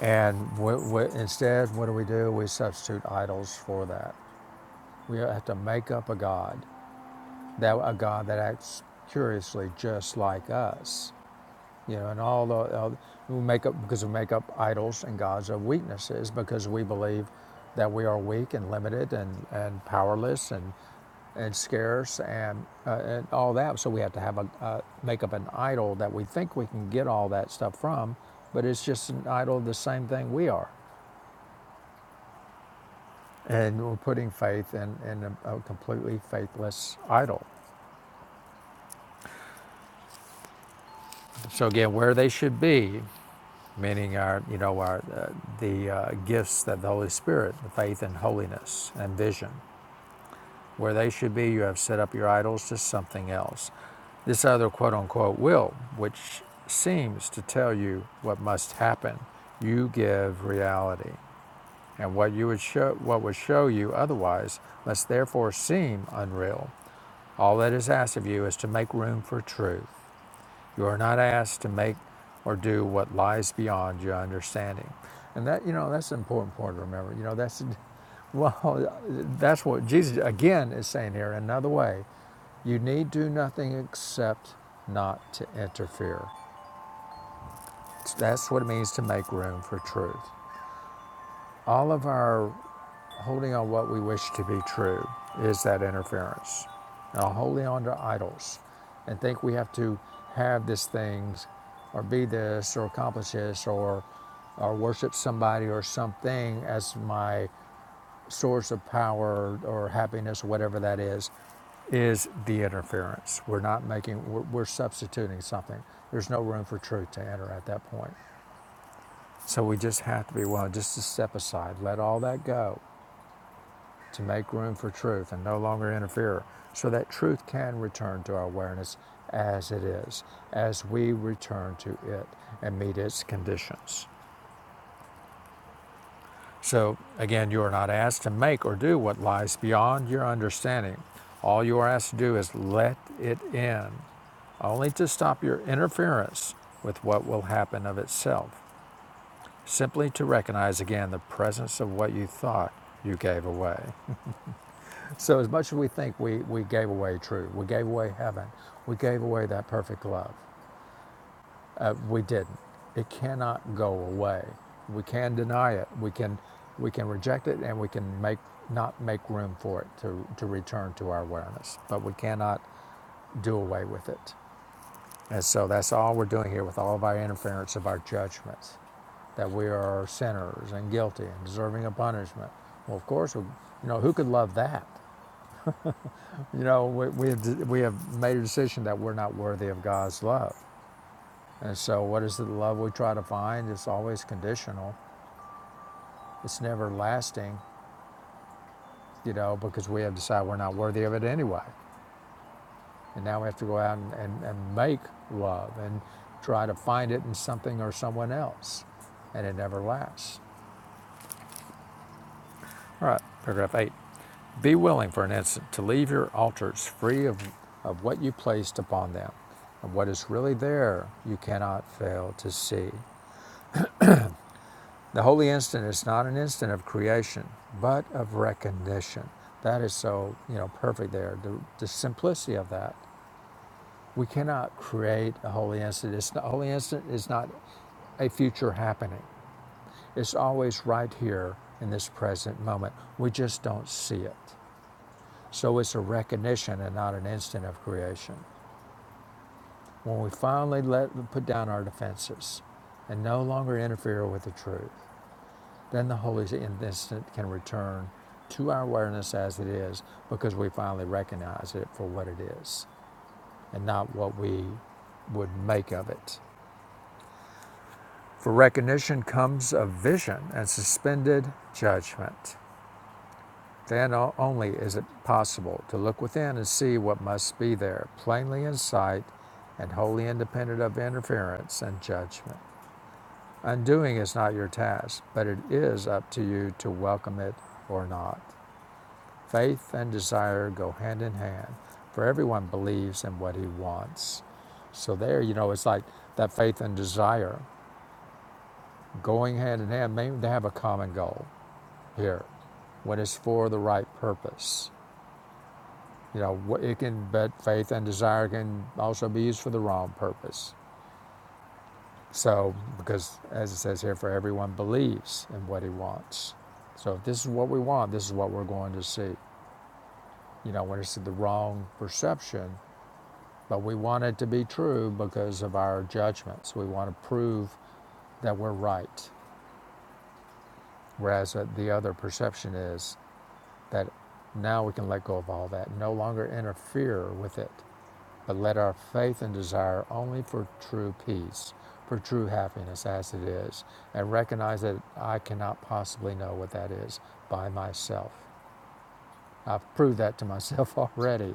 [SPEAKER 1] And wh- wh- instead, what do we do? We substitute idols for that. We have to make up a god, that a god that acts curiously just like us You know, and all the uh, we make up because we make up idols and gods of weaknesses because we believe that we are weak and limited and, and powerless and and scarce and uh, and all that. So we have to have a uh, make up an idol that we think we can get all that stuff from, but it's just an idol of the same thing we are, and we're putting faith in in a, a completely faithless idol. So again, where they should be meaning our, you know, our uh, the uh, gifts that the Holy Spirit, the faith and holiness and vision, where they should be, you have set up your idols to something else. This other quote unquote will, which seems to tell you what must happen, you give reality, and what you would show, what would show you otherwise, must therefore seem unreal. All that is asked of you is to make room for truth. You are not asked to make or do what lies beyond your understanding. And that, you know, that's an important point to remember. You know, that's, [laughs] well, that's what Jesus, again, is saying here in another way. You need do nothing except not to interfere. That's what it means to make room for truth. All of our Holding on what we wish to be true is that interference. Now, holding on to idols and think we have to have these things, or be this or accomplish this or, or worship somebody or something as my source of power or happiness, whatever that is, is the interference. We're not making, we're, we're substituting something. There's no room for truth to enter at that point. So we just have to be willing just to step aside, let all that go to make room for truth and no longer interfere so that truth can return to our awareness as it is, as we return to it and meet its conditions. So, again, you are not asked to make or do what lies beyond your understanding. All you are asked to do is let it in, only to stop your interference with what will happen of itself, simply to recognize again the presence of what you thought you gave away. So as much as we think we, we gave away truth, we gave away heaven, we gave away that perfect love, uh, we didn't. It cannot go away. We can deny it. We can we can reject it, and we can make not make room for it to to return to our awareness. But we cannot do away with it. And so that's all we're doing here with all of our interference of our judgments, that we are sinners and guilty and deserving of punishment. Well, of course, we, you know who could love that? You know, we, we, have, we have made a decision that we're not worthy of God's love. And so, what is the love we try to find? It's always conditional, it's never lasting, you know, because we have decided we're not worthy of it anyway. And now we have to go out and, and, and make love and try to find it in something or someone else, and it never lasts. All right, paragraph eight. Be willing for an instant to leave your altars free of, of what you placed upon them. And what is really there, you cannot fail to see. The holy instant is not an instant of creation, but of recognition. That is so, you know, perfect there. The, the simplicity of that. We cannot create a holy instant. It's not, a holy instant is not a future happening. It's always right here in this present moment. We just don't see it. So it's a recognition and not an instant of creation. When we finally let put down our defenses and no longer interfere with the truth, then the Holy Instant can return to our awareness as it is because we finally recognize it for what it is and not what we would make of it. For recognition comes a vision and suspended judgment. Then only is it possible to look within and see what must be there, plainly in sight and wholly independent of interference and judgment. Undoing is not your task, but it is up to you to welcome it or not. Faith and desire go hand in hand, for everyone believes in what he wants. So, there, you know, it's like that faith and desire going hand in hand. Maybe they have a common goal here when it's for the right purpose You know, it can, but faith and desire can also be used for the wrong purpose. So, because as it says here, for everyone believes in what he wants. So, if this is what we want, this is what we're going to see. You know, when it's the wrong perception, but we want it to be true because of our judgments. We want to prove that we're right. Whereas uh, the other perception is that now we can let go of all that, no longer interfere with it. But let our faith and desire only for true peace, for true happiness as it is, and recognize that I cannot possibly know what that is by myself. I've proved that to myself [laughs] already.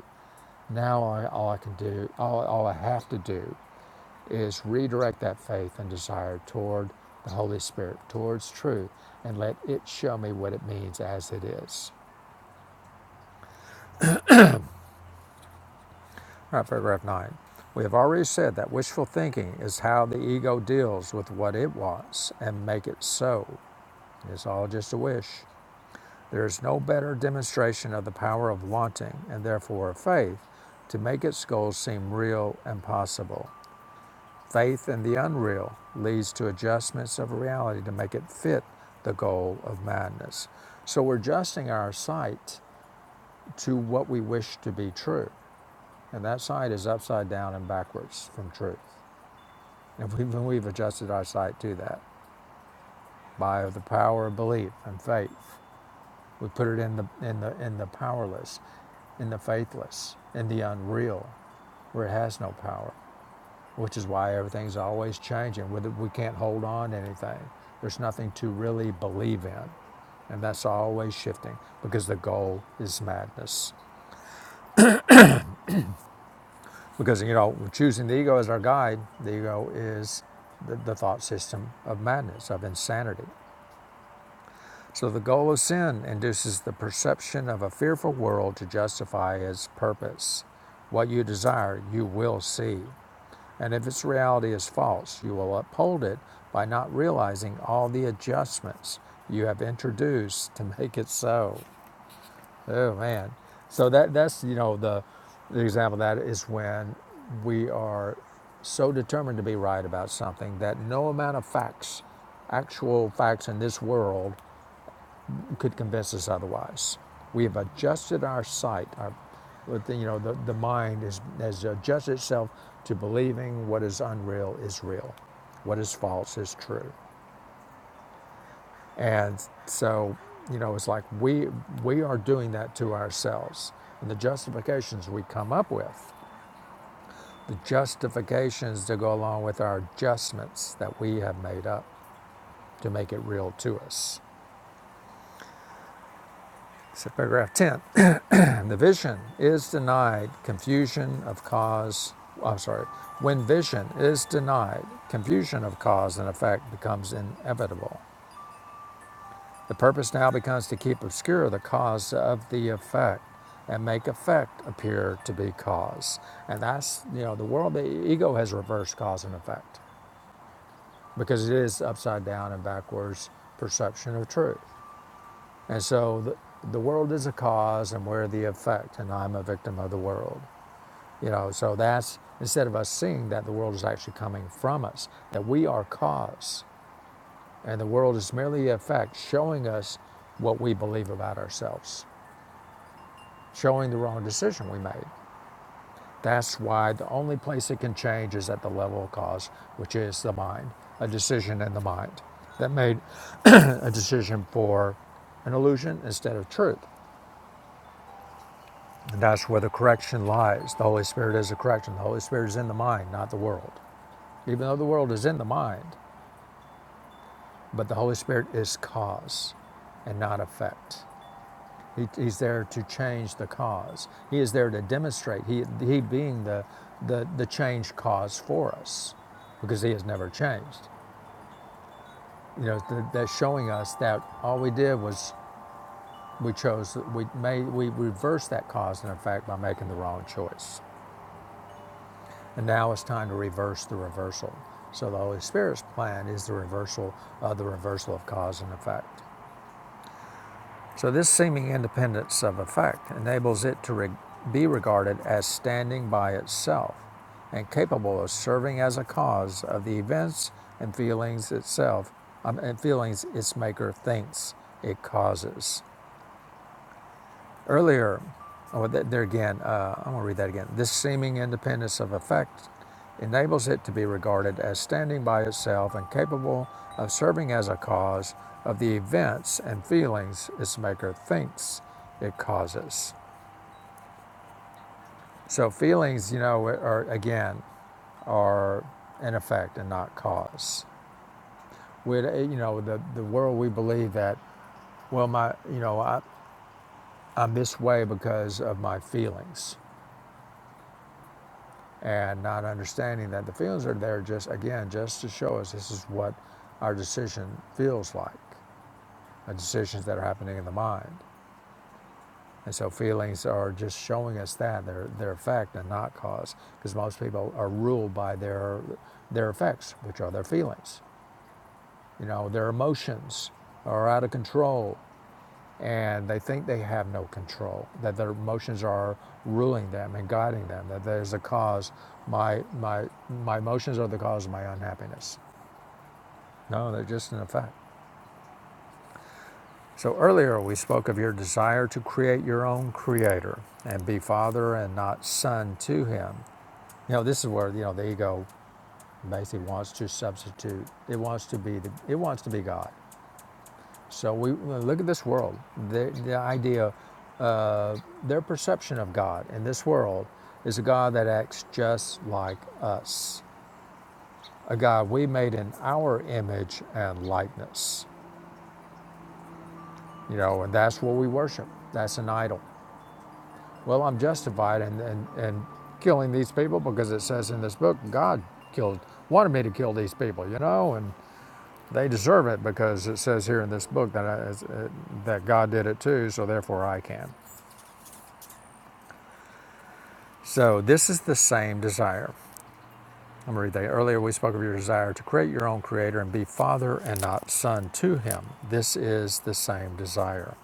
[SPEAKER 1] Now I, all I can do, all, all I have to do is redirect that faith and desire toward the Holy Spirit, towards truth, and let it show me what it means as it is All right, paragraph nine. We have already said that wishful thinking is how the ego deals with what it wants and make it so. It's all just a wish. There is no better demonstration of the power of wanting and therefore of faith to make its goals seem real and possible. Faith in the unreal leads to adjustments of reality to make it fit the goal of madness. So we're adjusting our sight to what we wish to be true. And that sight is upside down and backwards from truth. And we've, we've adjusted our sight to that by the power of belief and faith. We put it in the, in the, in the powerless, in the faithless, in the unreal, where it has no power, which is why everything's always changing. With We can't hold on to anything. There's nothing to really believe in. And that's always shifting because the goal is madness. Because, you know, choosing the ego as our guide, the ego is the, the thought system of madness, of insanity. So the goal of sin induces the perception of a fearful world to justify its purpose. What you desire, you will see. And if its reality is false, you will uphold it by not realizing all the adjustments you have introduced to make it so. Oh man. So that that's you know the the example of that is when we are so determined to be right about something that no amount of facts, actual facts in this world could convince us otherwise. We have adjusted our sight. Our, you know, the, the mind is, has adjusted itself to believing what is unreal is real, what is false is true. And so, you know, it's like we, we are doing that to ourselves. And the justifications we come up with, the justifications to go along with our adjustments that we have made up to make it real to us. So, paragraph 10. And the vision is denied, confusion of cause, I'm sorry, when vision is denied, confusion of cause and effect becomes inevitable. The purpose now becomes to keep obscure the cause of the effect and make effect appear to be cause. And that's, you know, the world, the ego has reversed cause and effect because it is upside down and backwards perception of truth. And so the, the world is a cause and we're the effect, and I'm a victim of the world. You know, so that's instead of us seeing that the world is actually coming from us, that we are cause, and the world is merely a fact showing us what we believe about ourselves, showing the wrong decision we made. That's why the only place it can change is at the level of cause, which is the mind, a decision in the mind that made [clears throat] a decision for an illusion instead of truth. And that's where the correction lies. The Holy Spirit is a correction. The Holy Spirit is in the mind, not the world. Even though the world is in the mind, but the Holy Spirit is cause and not effect. He, he's there to change the cause. He is there to demonstrate, he, he being the, the, the change cause for us, because he has never changed. You know, th- that's showing us that all we did was we chose, we made, we reversed that cause and effect by making the wrong choice. And now it's time to reverse the reversal. So the Holy Spirit's plan is the reversal of the reversal of cause and effect. So, this seeming independence of effect enables it to re- be regarded as standing by itself and capable of serving as a cause of the events and feelings itself um, and feelings its maker thinks it causes. Earlier, oh, there again, uh, I'm going to read that again. This seeming independence of effect enables it to be regarded as standing by itself and capable of serving as a cause of the events and feelings its maker thinks it causes. So feelings, you know, are again are an effect and not cause. We, you know, the the world we believe that, well, my, you know, I, I'm this way because of my feelings. and not understanding that the feelings are there just again just to show us this is what our decision feels like the decisions that are happening in the mind and so feelings are just showing us that their their effect and not cause because most people are ruled by their their effects which are their feelings you know their emotions are out of control and they think they have no control, that their emotions are ruling them and guiding them, that there's a cause. My, my, my emotions are the cause of my unhappiness. No, they're just an effect. So earlier we spoke of your desire to create your own creator and be father and not son to him. You know, this is where, you know, the ego basically wants to substitute. It wants to be the, it wants to be God. So we we look at this world. The, the idea Their perception of God in this world is a God that acts just like us, a God we made in our image and likeness, you know, and that's what we worship. That's an idol. Well, I'm justified in, in, in killing these people because it says in this book, God killed, wanted me to kill these people, you know, and they deserve it because it says here in this book that, I, that God did it too, so therefore I can. So this is the same desire. I'm going to read that. Earlier, we spoke of your desire to create your own creator and be father and not son to him. This is the same desire.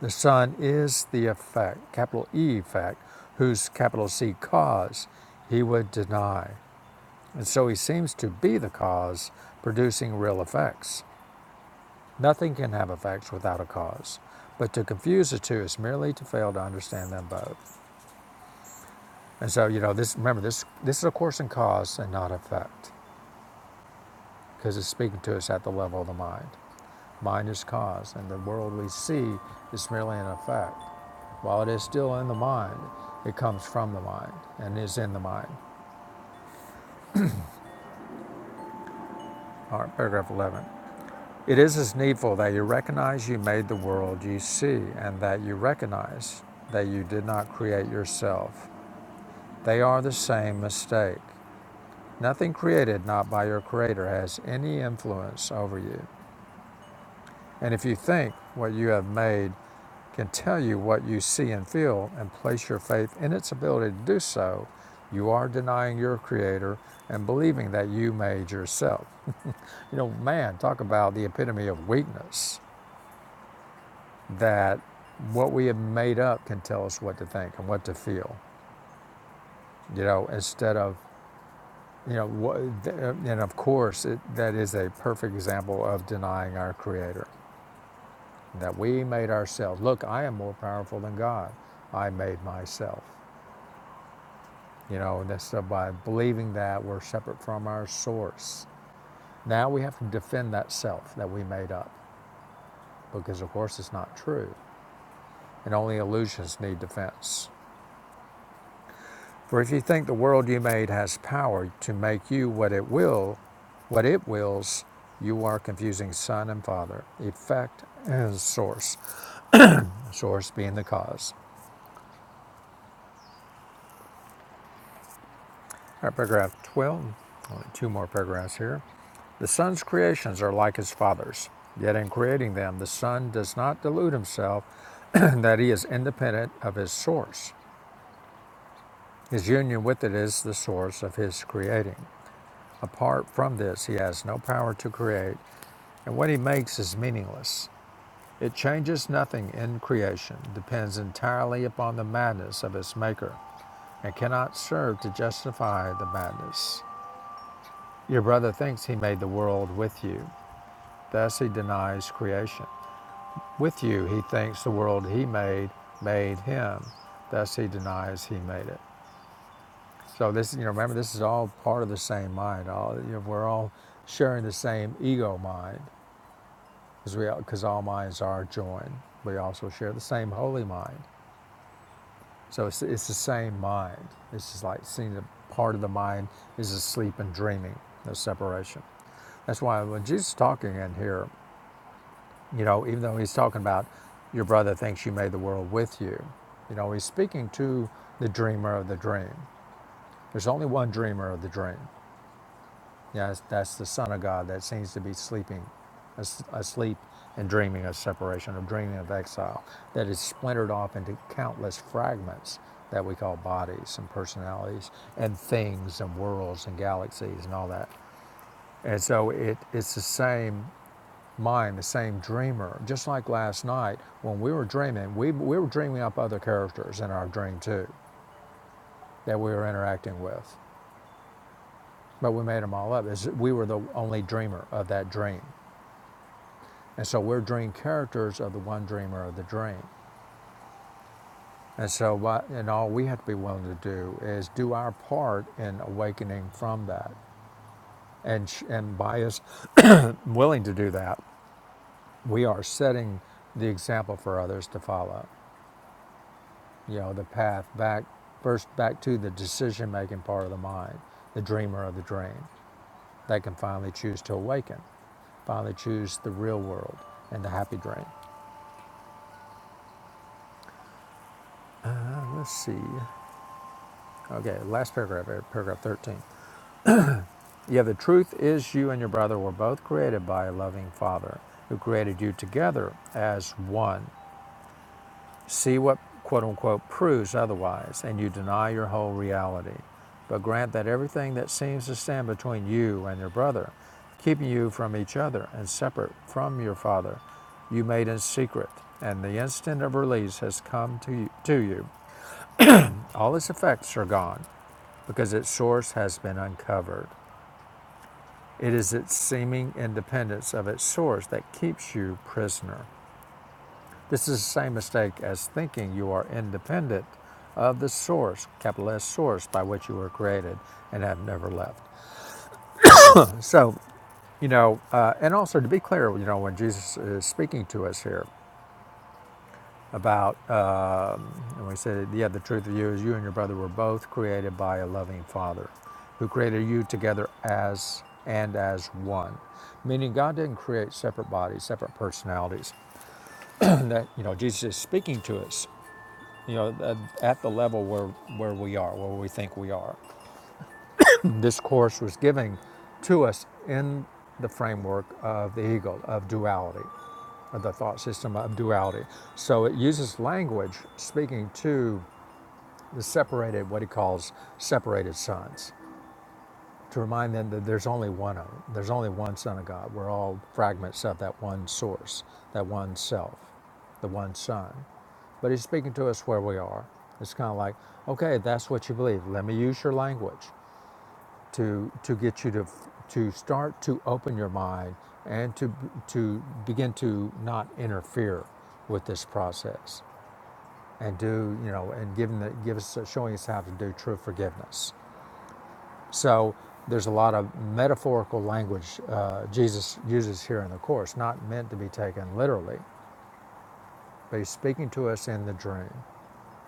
[SPEAKER 1] The son is the effect, capital E effect, whose capital C cause he would deny. And so he seems to be the cause producing real effects. Nothing can have effects without a cause. But to confuse the two is merely to fail to understand them both. And so, you know, this remember this this is a course in cause and not effect. because it's speaking to us at the level of the mind. Mind is cause, and the world we see is merely an effect. While it is still in the mind, it comes from the mind and is in the mind. All right, paragraph 11. It is as needful that you recognize you made the world you see, and that you recognize that you did not create yourself. They are the same mistake. Nothing created not by your Creator has any influence over you. And if you think what you have made can tell you what you see and feel and place your faith in its ability to do so, you are denying your creator and believing that you made yourself. You know, man, talk about the epitome of weakness that what we have made up can tell us what to think and what to feel, you know, instead of, you know, what, and of course, it, that is a perfect example of denying our creator that we made ourselves. Look, I am more powerful than God. I made myself. You know, and that's uh, by believing that we're separate from our source. Now we have to defend that self that we made up because, of course, it's not true. And only illusions need defense. For if you think the world you made has power to make you what it will, what it wills, you are confusing son and father, effect and source, source being the cause. All right, paragraph 12, only two more paragraphs here. The Son's creations are like his Father's, yet in creating them, the Son does not delude himself [clears throat] that he is independent of his source. His union with it is the source of his creating. Apart from this, he has no power to create, and what he makes is meaningless. It changes nothing in creation, depends entirely upon the madness of its maker, and cannot serve to justify the madness. Your brother thinks he made the world with you. Thus he denies creation. With you, he thinks the world he made made him. Thus he denies he made it. So this, you know, remember this is all part of the same mind. All you know, we're all sharing the same ego mind, because we because all minds are joined. We also share the same holy mind. So it's, it's the same mind. It's just like seeing the part of the mind is asleep and dreaming. the separation. That's why when Jesus is talking in here You know, even though he's talking about your brother thinks you made the world with you, you know, he's speaking to the dreamer of the dream. There's only one dreamer of the dream. Yes, that's, that's the Son of God that seems to be sleeping, as- asleep and dreaming of separation, of dreaming of exile, that is splintered off into countless fragments that we call bodies and personalities and things and worlds and galaxies and all that. And so it, it's the same mind, the same dreamer. Just like last night when we were dreaming, we, we were dreaming up other characters in our dream too that we were interacting with. But we made them all up. It's, we were the only dreamer of that dream. And so we're dream characters of the one dreamer of the dream. And so, what, and all we have to be willing to do is do our part in awakening from that. And, sh- and by us [clears throat] willing to do that, we are setting the example for others to follow. you know, the path back, first back to the decision making part of the mind, the dreamer of the dream, They can finally choose to awaken, finally choose the real world and the happy dream. Let's see. Okay, last paragraph, eh, paragraph 13. Yeah, the truth is you and your brother were both created by a loving father who created you together as one. See what quote unquote proves otherwise, and you deny your whole reality. But grant that everything that seems to stand between you and your brother, keeping you from each other and separate from your Father, you made in secret, and the instant of release has come to you. To you. All its effects are gone because its source has been uncovered. It is its seeming independence of its source that keeps you prisoner. This is the same mistake as thinking you are independent of the source, capital S source, by which you were created and have never left. So, you know, uh, and also to be clear, you know, when Jesus is speaking to us here about, um and we said, yeah, the truth of you is you and your brother were both created by a loving Father who created you together as and as one. Meaning God didn't create separate bodies, separate personalities. [clears throat] that, you know, Jesus is speaking to us you know, at, the level where, where we are, where we think we are. [clears throat] This course was giving to us in the framework of the ego, of duality, of the thought system of duality. So it uses language speaking to the separated, what he calls separated sons to remind them that there's only one of there's only one Son of God. We're all fragments of that one source, that one self, the one Son. But He's speaking to us where we are. It's kind of like, okay, that's what you believe. Let me use your language to to get you to to start to open your mind and to to begin to not interfere with this process and do you know and giving the give us showing us how to do true forgiveness so there's a lot of metaphorical language uh, Jesus uses here in the Course, not meant to be taken literally, but he's speaking to us in the dream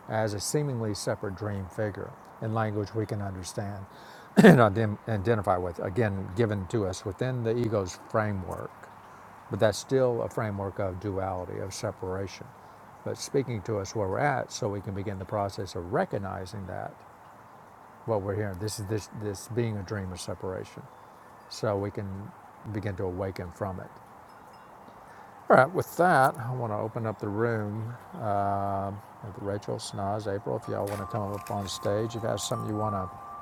[SPEAKER 1] as a seemingly separate dream figure in language we can understand [clears throat] and ident- identify with, again, given to us within the ego's framework. But that's still a framework of duality, of separation. But speaking to us where we're at, so we can begin the process of recognizing that what we're hearing. This is this this being a dream of separation so we can begin to awaken from it. All right, with that, I want to open up the room. Uh, Rachel, Snaz, April, if y'all want to come up on stage, if you have something you want to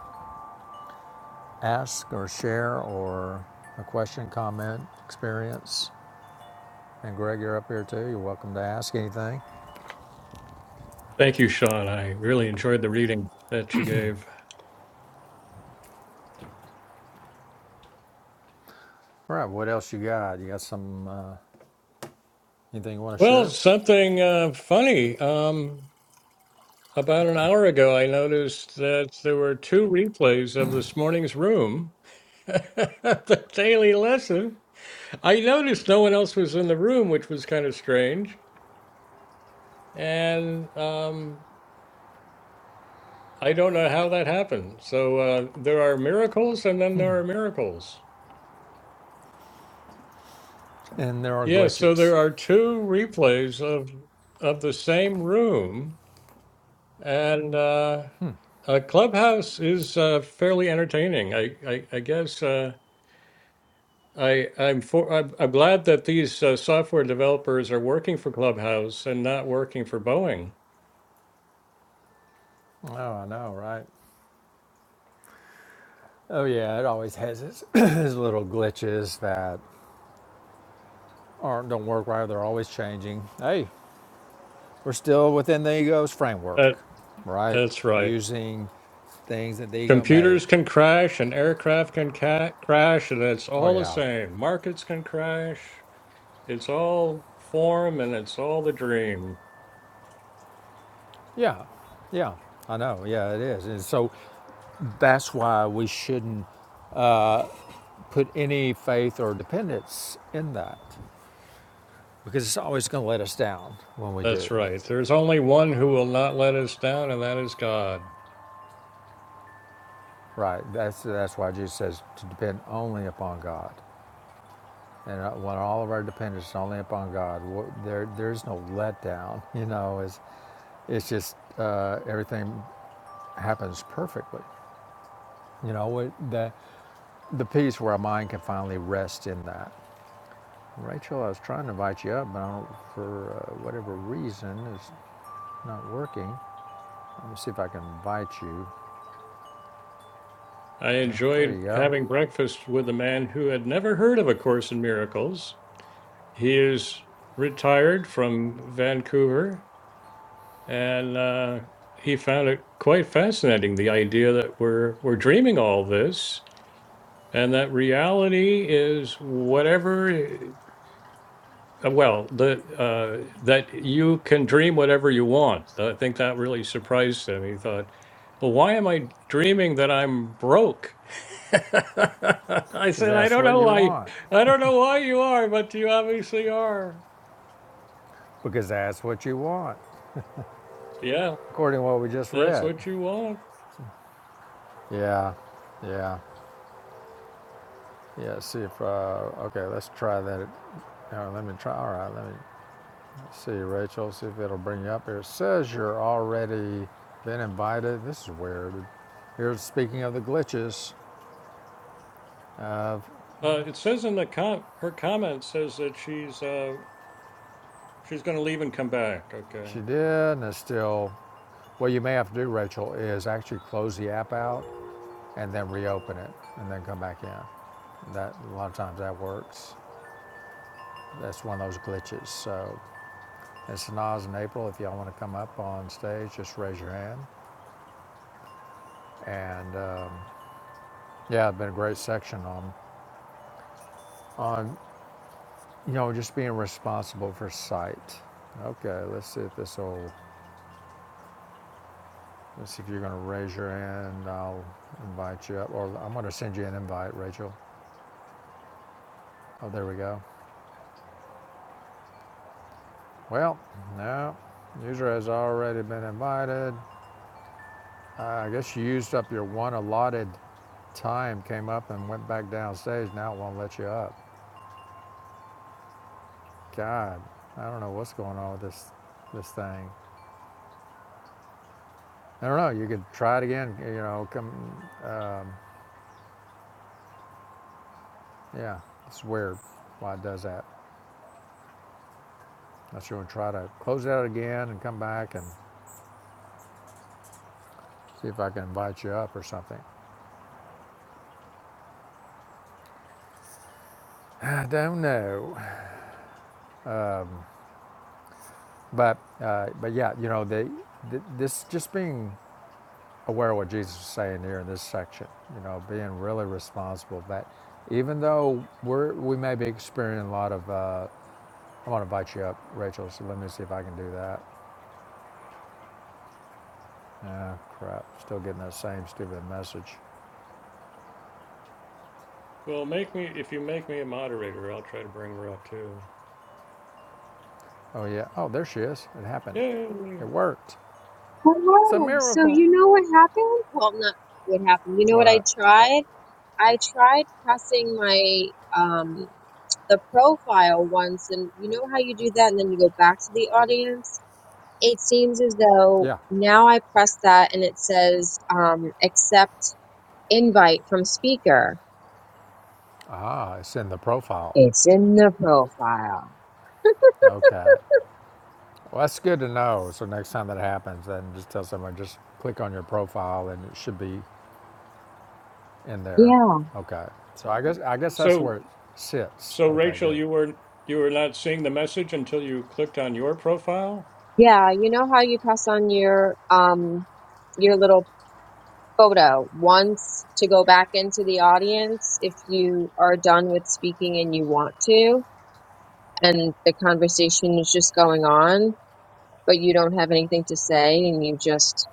[SPEAKER 1] ask or share or a question, comment, experience, and Greg, you're up here too. You're welcome to ask anything.
[SPEAKER 2] Thank you, Sean. I really enjoyed the reading that you gave.
[SPEAKER 1] All right, what else you got? You got some uh, anything you want to
[SPEAKER 2] Well,
[SPEAKER 1] share?
[SPEAKER 2] something uh, funny. Um, about an hour ago, I noticed that there were two replays of this morning's room, [laughs] the daily lesson. I noticed no one else was in the room, which was kind of strange. And um, I don't know how that happened. So uh, there are miracles, and then there are miracles.
[SPEAKER 1] And there are
[SPEAKER 2] Yes, so
[SPEAKER 1] glitches.
[SPEAKER 2] there are two replays of of the same room, and uh, uh, Clubhouse is uh, fairly entertaining. I I, I guess uh, I I'm for I'm, I'm glad that these uh, software developers are working for Clubhouse and not working for Boeing.
[SPEAKER 1] Oh, I know, right? Oh yeah, it always has its, [clears throat] its little glitches that aren't don't work right. They're always changing. Hey, we're still within the ego's framework,
[SPEAKER 2] That
[SPEAKER 1] right?
[SPEAKER 2] that's right.
[SPEAKER 1] Using things that the ego made.
[SPEAKER 2] Computers can crash and aircraft can ca- crash, and it's
[SPEAKER 1] Oh
[SPEAKER 2] all the
[SPEAKER 1] yeah,
[SPEAKER 2] same. Markets can crash. It's all form and it's all the dream.
[SPEAKER 1] yeah, yeah. I know. Yeah, it is. And so that's why we shouldn't put any faith or dependence in that because it's always going to let us down when we do.
[SPEAKER 2] That's right. There's only one who will not let us down, and that is God.
[SPEAKER 1] Right. That's that's why Jesus says to depend only upon God. And uh, when all of our dependence is only upon God, there there's no letdown. [laughs] You know, is It's just uh, everything happens perfectly. You know, it, the, the piece where our mind can finally rest in that. Rachel, I was trying to invite you up, but I don't, for uh, whatever reason, it's not working. Let me see if I can invite you.
[SPEAKER 2] I
[SPEAKER 1] There you
[SPEAKER 2] enjoyed
[SPEAKER 1] go.
[SPEAKER 2] having breakfast with a man who had never heard of A Course in Miracles. He is retired from Vancouver, and uh, he found it quite fascinating the idea that we're, we're dreaming all this and that reality is whatever uh, well the uh, that you can dream whatever you want i think that really surprised him he thought well why am i dreaming that i'm broke [laughs] i
[SPEAKER 1] Because
[SPEAKER 2] said i
[SPEAKER 1] that's
[SPEAKER 2] don't
[SPEAKER 1] what
[SPEAKER 2] know
[SPEAKER 1] you
[SPEAKER 2] why
[SPEAKER 1] want.
[SPEAKER 2] i don't know why you are but you obviously are
[SPEAKER 1] Because that's what you want,
[SPEAKER 2] yeah
[SPEAKER 1] according to what we just
[SPEAKER 2] that's
[SPEAKER 1] read.
[SPEAKER 2] what you want
[SPEAKER 1] Yeah, yeah, yeah. See if, uh, okay, let's try that. Uh, let me try. All right, let me See, Rachel, see if it'll bring you up here. It says you're already been invited. This is weird. Here's speaking of the glitches.
[SPEAKER 2] uh, it says in the com her comment says that she's uh, she's going to leave and come back okay
[SPEAKER 1] She did, and it's still. What you may have to do, Rachel, is actually close the app out and then reopen it and then come back in. That a lot of times that works. That's one of those glitches. So, and Sanaz and April, if y'all want to come up on stage, just raise your hand. And um, yeah, it's been a great section on on You know, just being responsible for sight. Okay, let's see if this will, let's see if you're going to raise your hand. I'll invite you up, or I'm going to send you an invite, Rachel. Oh, there we go. Well, no, user has already been invited. Uh, I guess you used up your one allotted time, came up and went back downstage. Now it won't let you up. God, I don't know what's going on with this, this thing. I don't know. You could try it again. You know, come, yeah, it's weird why it does that. I'm sure and try to close it out again and come back and see if I can invite you up or something. [sighs] I don't know, but uh, but yeah, you know, they, th- this just being aware of what Jesus is saying here in this section, you know, being really responsible that even though we're we may be experiencing a lot of, uh, I want to invite you up, Rachel. So let me see if I can do that. Ah, crap, still getting that same stupid message.
[SPEAKER 2] Well, make me if you make me a moderator, I'll try to bring her up too.
[SPEAKER 1] Oh yeah, oh there she is. It happened.
[SPEAKER 2] Yay.
[SPEAKER 1] It worked. It's a
[SPEAKER 3] Hello. So
[SPEAKER 1] miracle.
[SPEAKER 3] you know what happened? Well, not what happened. You know what I
[SPEAKER 1] What?
[SPEAKER 3] tried? I tried pressing my um the profile once and you know how you do that and then you go back to the audience? It seems as though
[SPEAKER 1] Yeah.
[SPEAKER 3] now I press that and it says um accept invite from speaker.
[SPEAKER 1] Ah, it's in the profile.
[SPEAKER 3] It's in the profile.
[SPEAKER 1] Okay. Well, that's good to know. So next time that happens, then just tell someone just click on your profile, and it should be in there.
[SPEAKER 3] Yeah.
[SPEAKER 1] Okay. So I guess I guess that's
[SPEAKER 2] So
[SPEAKER 1] where it sits.
[SPEAKER 2] so
[SPEAKER 1] Okay.
[SPEAKER 2] Rachel,
[SPEAKER 1] Good.
[SPEAKER 2] you were you were not seeing the message until you clicked on your profile?
[SPEAKER 3] Yeah, you know how you press on your um your little photo once to go back into the audience if you are done with speaking and you want to? and the conversation is just going on, but you don't have anything to say and you just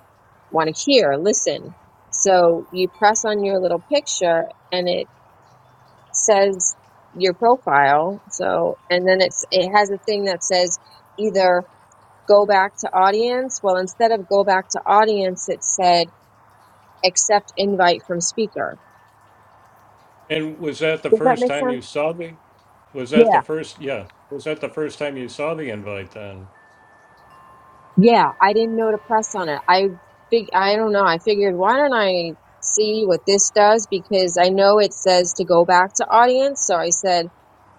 [SPEAKER 3] want to hear, listen. So you press on your little picture and it says your profile. So, and then it's, it has a thing that says either go back to audience. Well, instead of go back to audience, it said accept invite from speaker.
[SPEAKER 2] And was that the
[SPEAKER 3] Does that
[SPEAKER 2] first
[SPEAKER 3] make
[SPEAKER 2] time
[SPEAKER 3] sense?
[SPEAKER 2] you saw the was
[SPEAKER 3] Yeah.
[SPEAKER 2] that the first yeah, was that the first time you saw the invite then?
[SPEAKER 3] Yeah, I didn't know to press on it. I fig I don't know. I figured why don't I see what this does because I know it says to go back to audience, so I said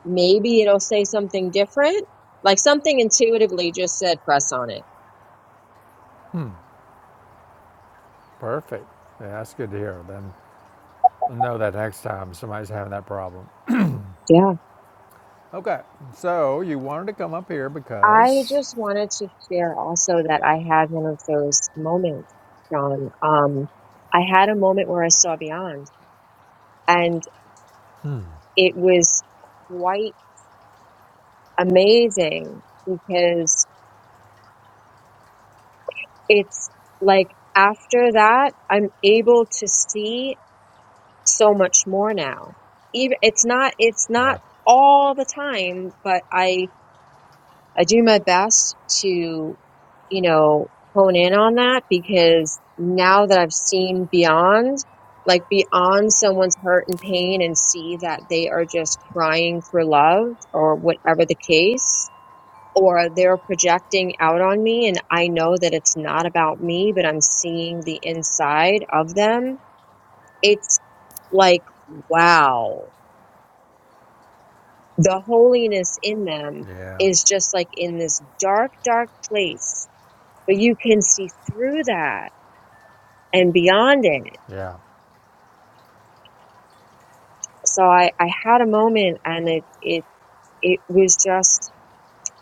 [SPEAKER 3] maybe it'll say something different. Like something intuitively just said press on it.
[SPEAKER 1] Perfect. Yeah, that's good to hear. Then I'll know that next time somebody's having that problem.
[SPEAKER 3] Yeah.
[SPEAKER 1] Okay. So you wanted to come up here
[SPEAKER 3] I
[SPEAKER 1] because.
[SPEAKER 3] just wanted to share also that I had one of those moments, John. Um, I had a moment where I saw beyond and it was quite amazing because it's like after that i'm able to see so much more now even it's not it's not
[SPEAKER 1] Yeah.
[SPEAKER 3] all the time but i i do my best to you know hone in on that because now that i've seen beyond like beyond someone's hurt and pain and see that they are just crying for love or whatever the case or they're projecting out on me and I know that it's not about me, but I'm seeing the inside of them. It's like, wow, the holiness in them
[SPEAKER 1] Yeah.
[SPEAKER 3] is just like in this dark, dark place, but you can see through that and beyond it.
[SPEAKER 1] Yeah.
[SPEAKER 3] So I, I had a moment and it, it, it was just,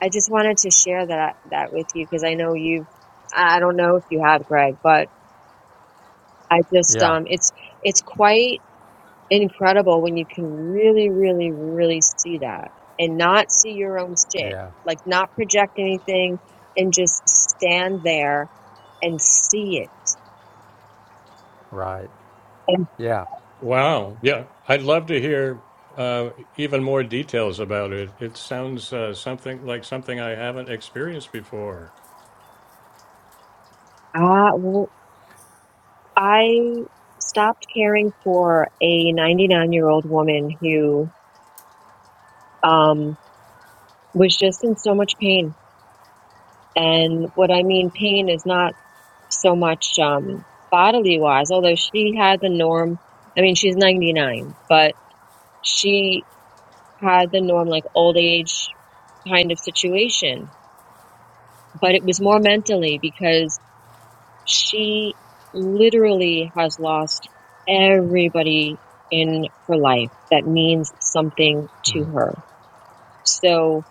[SPEAKER 3] I just wanted to share that, that with you because I know you've, I don't know if you have Greg, but I just,
[SPEAKER 1] Yeah.
[SPEAKER 3] um, it's, it's quite incredible when you can really, really, really see that and not see your own shit,
[SPEAKER 1] Yeah.
[SPEAKER 3] like not project anything and just stand there and see it.
[SPEAKER 1] Right.
[SPEAKER 3] And
[SPEAKER 1] Yeah.
[SPEAKER 2] Wow. Yeah. I'd love to hear uh even more details about it. It sounds uh, something like something I haven't experienced before.
[SPEAKER 3] I, well, I stopped caring for a 99 year old woman who, um, was just in so much pain. And what I mean pain is not so much, um, bodily wise, although she had the norm. I mean, she's 99, but she had the norm like old age kind of situation, but it was more mentally because she literally has lost everybody in her life that means something to her. So,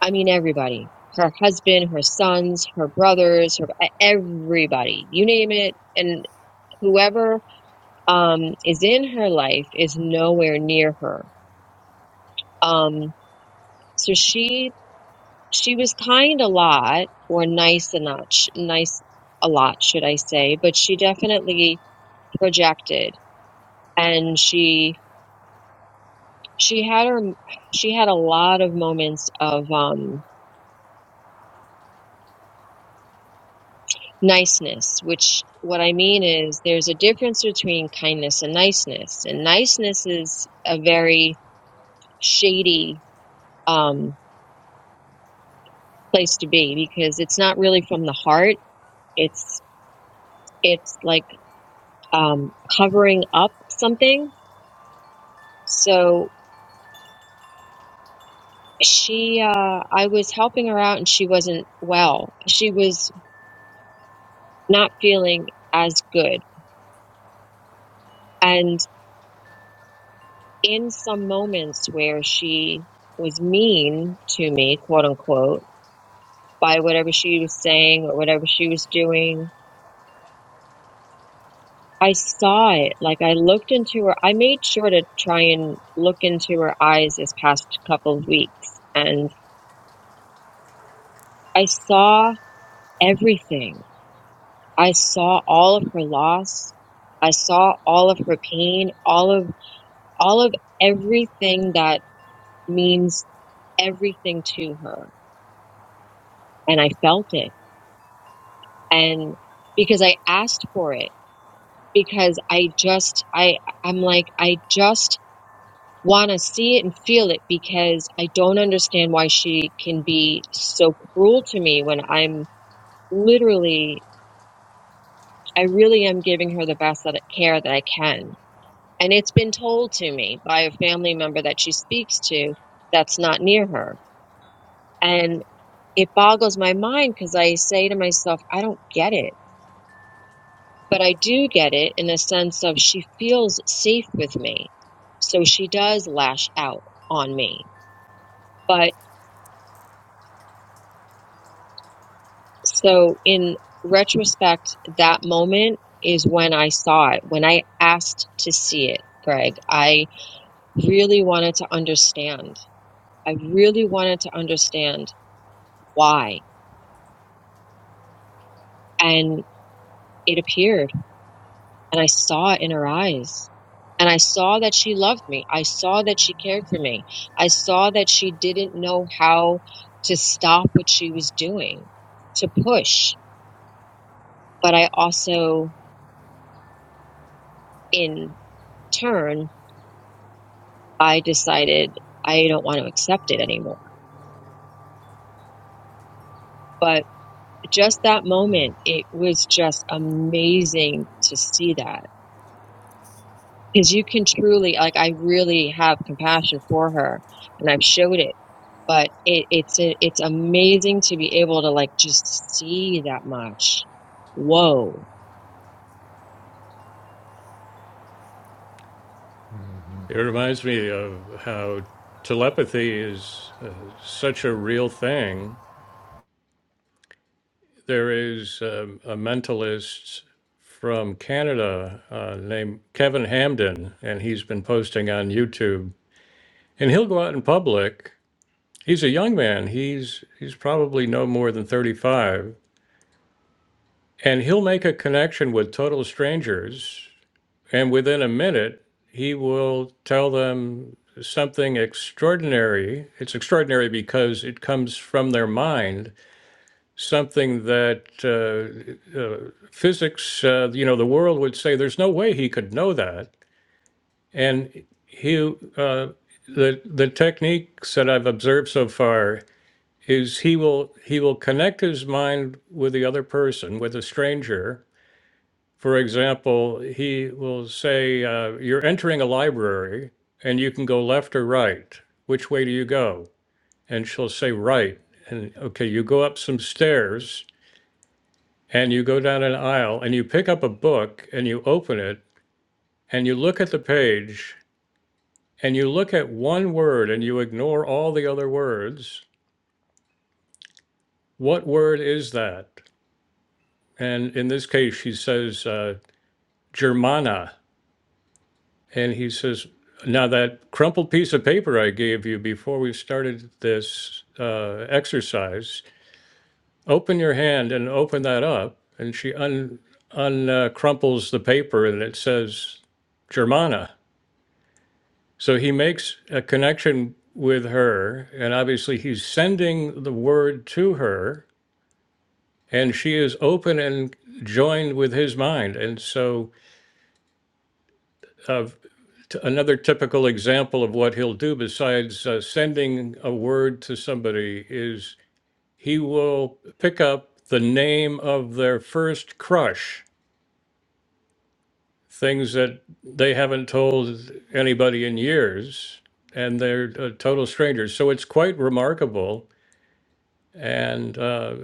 [SPEAKER 3] I mean, everybody her husband, her sons, her brothers, her e-, everybody, you name it. And whoever um, is in her life is nowhere near her. Um, so she she was kind a lot or nice a not sh- nice a lot should i say but she definitely projected and she she had her she had a lot of moments of um niceness which what i mean is there's a difference between kindness and niceness and niceness is a very shady um place to be because it's not really from the heart it's it's like um covering up something so she uh I was helping her out and she wasn't well. She was not feeling as good. And in some moments where she was mean to me, quote unquote, by whatever she was saying or whatever she was doing, I saw it. Like I looked into her I made sure to try and look into her eyes this past couple of weeks and I saw everything I saw all of her loss. I saw all of her pain, all of all of everything that means everything to her. And I felt it. And because I asked for it, because I just I I'm like I just want to see it and feel it because I don't understand why she can be so cruel to me when I'm literally I really am giving her the best that care that I can And it's been told to me by a family member that she speaks to that's not near her. And it boggles my mind because I say to myself, I don't get it. But I do get it in a sense of she feels safe with me. So she does lash out on me. But so in retrospect, that moment is when I saw it, when I asked to see it, Greg. I really wanted to understand. I really wanted to understand why and it appeared and I saw it in her eyes. And I saw that she loved me. I saw that she cared for me. I saw that she didn't know how to stop what she was doing, to push. But I also, in turn, I decided I don't want to accept it anymore. But just that moment, it was just amazing to see that because you can truly like i really have compassion for her and i've showed it but it, it's a, it's amazing to be able to like just see that much whoa
[SPEAKER 2] It reminds me of how telepathy is uh, such a real thing. There is um, a mentalist from Canada uh, named Kevin Hamden, and he's been posting on YouTube. And he'll go out in public. He's a young man. He's he's probably no more than 35, and he'll make a connection with total strangers And within a minute, he will tell them something extraordinary. It's extraordinary because it comes from their mind, something that uh, uh, physics, uh, you know, the world would say there's no way he could know that. And he, uh, the the techniques that I've observed so far is he will he will connect his mind with the other person, with a stranger, for example, he will say, uh, You're entering a library and you can go left or right. Which way do you go? And she'll say, Right. And okay, you go up some stairs and you go down an aisle and you pick up a book and you open it and you look at the page and you look at one word and you ignore all the other words. What word is that? And in this case, she says, uh, Germana. And he says, Now, that crumpled piece of paper I gave you before we started this uh, exercise, open your hand and open that up. And she un, un uh, crumples the paper and it says Germana. So he makes a connection with her. And obviously, he's sending the word to her. And she is open and joined with his mind. And so uh, t- another typical example of what he'll do besides uh, sending a word to somebody is he will pick up the name of their first crush, things that they haven't told anybody in years, and they're uh, total strangers. So it's quite remarkable. And uh,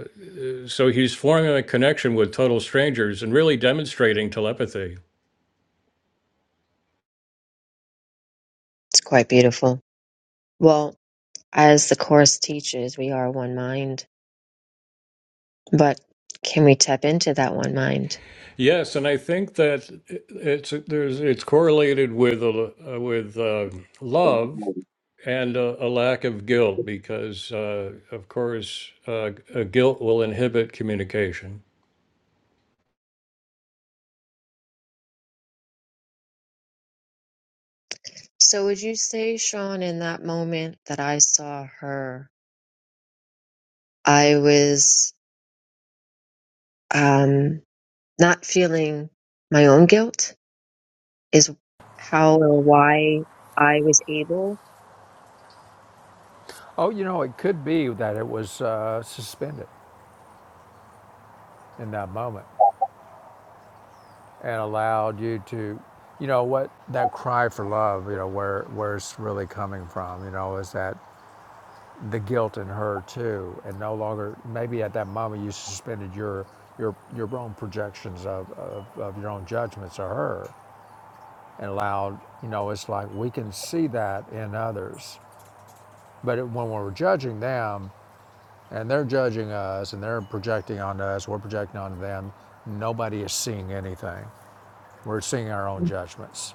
[SPEAKER 2] so he's forming a connection with total strangers and really demonstrating telepathy.
[SPEAKER 3] It's quite beautiful. Well, as the Course teaches, we are one mind, but can we tap into that one mind?
[SPEAKER 2] Yes, and I think that it's there's it's correlated with a, uh, with uh, love and a, a lack of guilt because, uh, of course, uh, a guilt will inhibit communication.
[SPEAKER 3] So, would you say, Sean, in that moment that I saw her, I was um, not feeling my own guilt? is how or why I was able.
[SPEAKER 1] Oh, you know, it could be that it was uh, suspended in that moment and allowed you to, you know, what that cry for love, you know, where where it's really coming from, you know, is that the guilt in her too, and no longer maybe at that moment you suspended your your your own projections of of, of your own judgments of her, and allowed, you know, it's like we can see that in others, but it, when we're judging them. And they're judging us and they're projecting onto us, we're projecting onto them. Nobody is seeing anything. We're seeing our own judgments.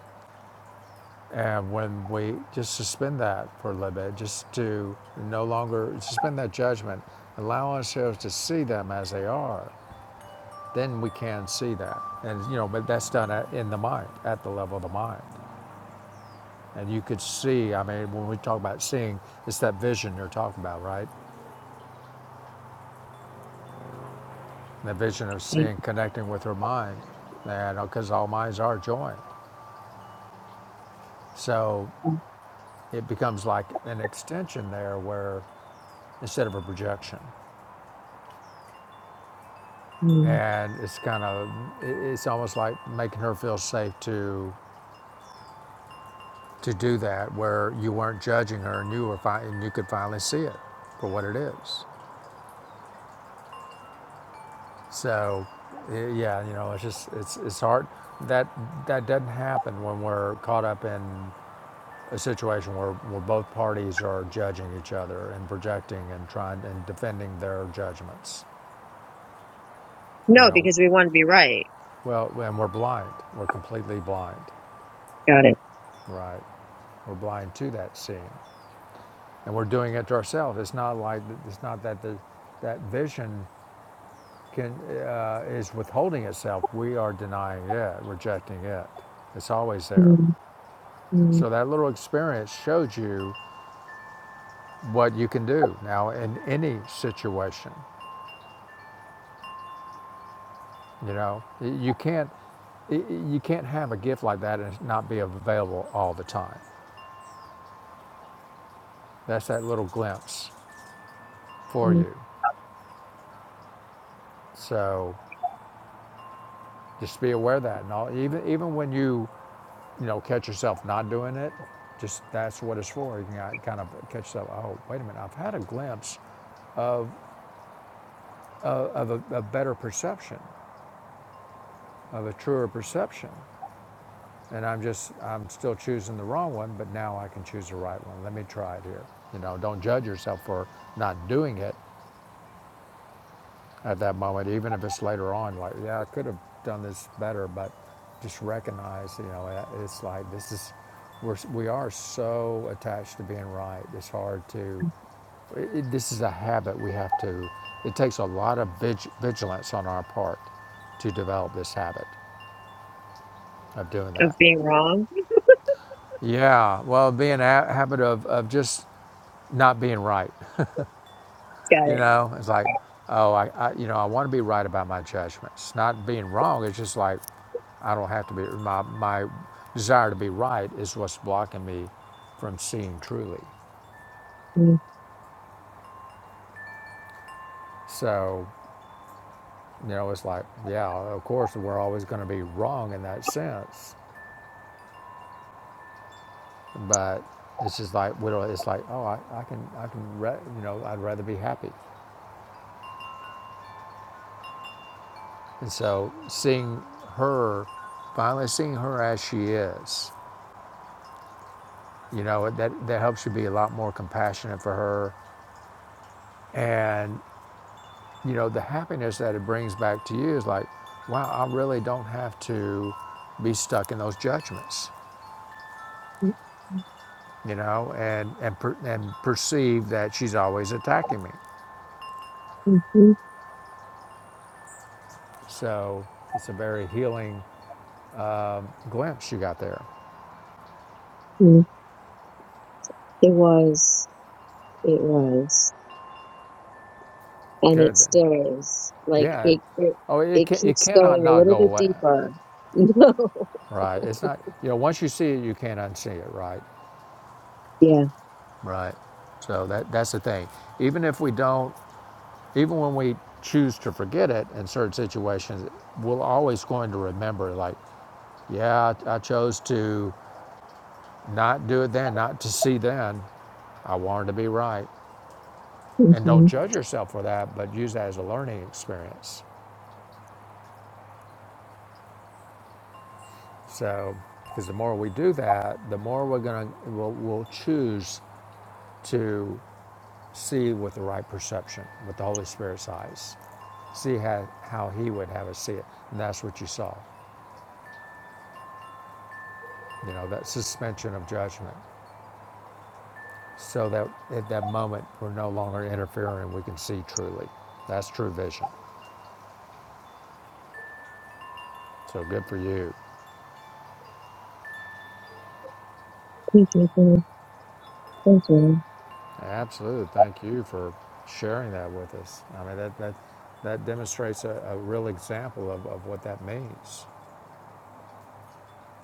[SPEAKER 1] And when we just suspend that for a little bit, just to no longer suspend that judgment, allow ourselves to see them as they are, then we can see that. And, you know, but that's done in the mind, at the level of the mind. And you could see, I mean, when we talk about seeing, it's that vision you're talking about, right? the vision of seeing, connecting with her mind, and because all minds are joined. So it becomes like an extension there where instead of a projection.
[SPEAKER 3] Mhm.
[SPEAKER 1] And it's kind of, it's almost like making her feel safe to to do that where you weren't judging her and you were fi- and you could finally see it for what it is. So yeah, you know, it's just it's it's hard that that doesn't happen when we're caught up in a situation where, where both parties are judging each other and projecting and trying and defending their judgments. You
[SPEAKER 3] No,
[SPEAKER 1] know,
[SPEAKER 3] because we want to be right.
[SPEAKER 1] well, and we're blind. We're completely blind,
[SPEAKER 3] Got it.
[SPEAKER 1] right? We're blind to that scene, and we're doing it to ourselves. It's not like it's not that the, that vision can uh, is withholding itself. We are denying it, rejecting it. It's always there.
[SPEAKER 3] Mhm. Mhm.
[SPEAKER 1] So that little experience showed you what you can do now in any situation You know, you can't you can't have a gift like that and not be available all the time. That's that little glimpse for you. So just be aware of that. And all, even even when you you know catch yourself not doing it, just that's what it's for. You can kind of catch yourself. Oh, wait a minute! I've had a glimpse of a, a better perception, of a truer perception, and I'm just I'm still choosing the wrong one. But now I can choose the right one. Let me try it here. You know, don't judge yourself for not doing it at that moment, even if it's later on, like, yeah, I could have done this better, but just recognize, you know, it's like this is, we're, we are so attached to being right. It's hard to, it- this is a habit we have to, it takes a lot of vig- vigilance on our part to develop this habit of doing
[SPEAKER 3] Of
[SPEAKER 1] that.
[SPEAKER 3] being wrong.
[SPEAKER 1] Yeah, well, being a habit of, of just not being right.
[SPEAKER 3] Got
[SPEAKER 1] You
[SPEAKER 3] it.
[SPEAKER 1] know, it's like, oh, I, I you know, I want to be right about my judgments. It's not being wrong. It's just like, I don't have to be. My my desire to be right is what's blocking me from seeing truly. So, you know, it's like, yeah, of course, we're always going to be wrong in that sense, but it's just like, we don't, it's like, oh, I, I can, I can, re- you know, I'd rather be happy. And so, seeing her, finally seeing her as she is, You know, that, that helps you be a lot more compassionate for her. And, you know, the happiness that it brings back to you is like, wow, I really don't have to be stuck in those judgments,
[SPEAKER 3] Mhm.
[SPEAKER 1] you know, and, and, per, and perceive that she's always attacking me. So it's a very healing glimpse you got there.
[SPEAKER 3] Mhm. It was, it was, and it
[SPEAKER 1] Good then.
[SPEAKER 3] still is. Like
[SPEAKER 1] Yeah.
[SPEAKER 3] it, it,
[SPEAKER 1] Oh, it,
[SPEAKER 3] it
[SPEAKER 1] can, it
[SPEAKER 3] keeps
[SPEAKER 1] cannot
[SPEAKER 3] going a
[SPEAKER 1] not
[SPEAKER 3] little
[SPEAKER 1] go
[SPEAKER 3] bit
[SPEAKER 1] away,
[SPEAKER 3] deeper. You know? [laughs]
[SPEAKER 1] right? It's not, you know, once you see it, you can't unsee it, right?
[SPEAKER 3] Yeah.
[SPEAKER 1] Right. So that, that's the thing. Even if we don't Even when we choose to forget it in certain situations, we're always going to remember, like, yeah, I, chose to not do it then, not to see then. I wanted to be right. And
[SPEAKER 3] Mm-hmm.
[SPEAKER 1] don't judge yourself for that, but use that as a learning experience. So, because the more we do that, the more we're going to, we'll, we'll choose to see with the right perception, with the Holy Spirit's eyes see how, how he would have us see it. And that's what you saw, you know, that suspension of judgment. so that at that moment we're no longer interfering. We can see truly. That's true vision. So good for you.
[SPEAKER 3] Thank you. Thank you.
[SPEAKER 1] Absolutely. Thank you for sharing that with us. I mean, that, that, that demonstrates a, a real example of, of what that means.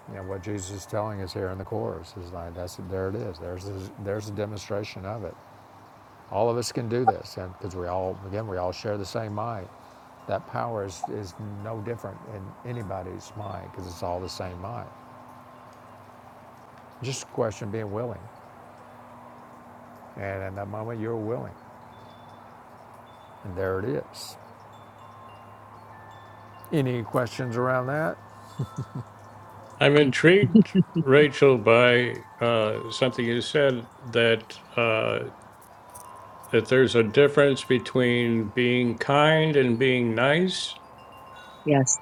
[SPEAKER 1] You know, what Jesus is telling us here in the Course is like, that's, there it is. There's a, there's a demonstration of it. All of us can do this and because we all, again, we all share the same mind. That power is, is no different in anybody's mind because it's all the same mind. Just a question of being willing. And at that moment, you're willing. And there it is. Any questions around that?
[SPEAKER 2] I'm intrigued, Rachel, by uh, something you said that uh, that there's a difference between being kind and being nice.
[SPEAKER 3] Yes.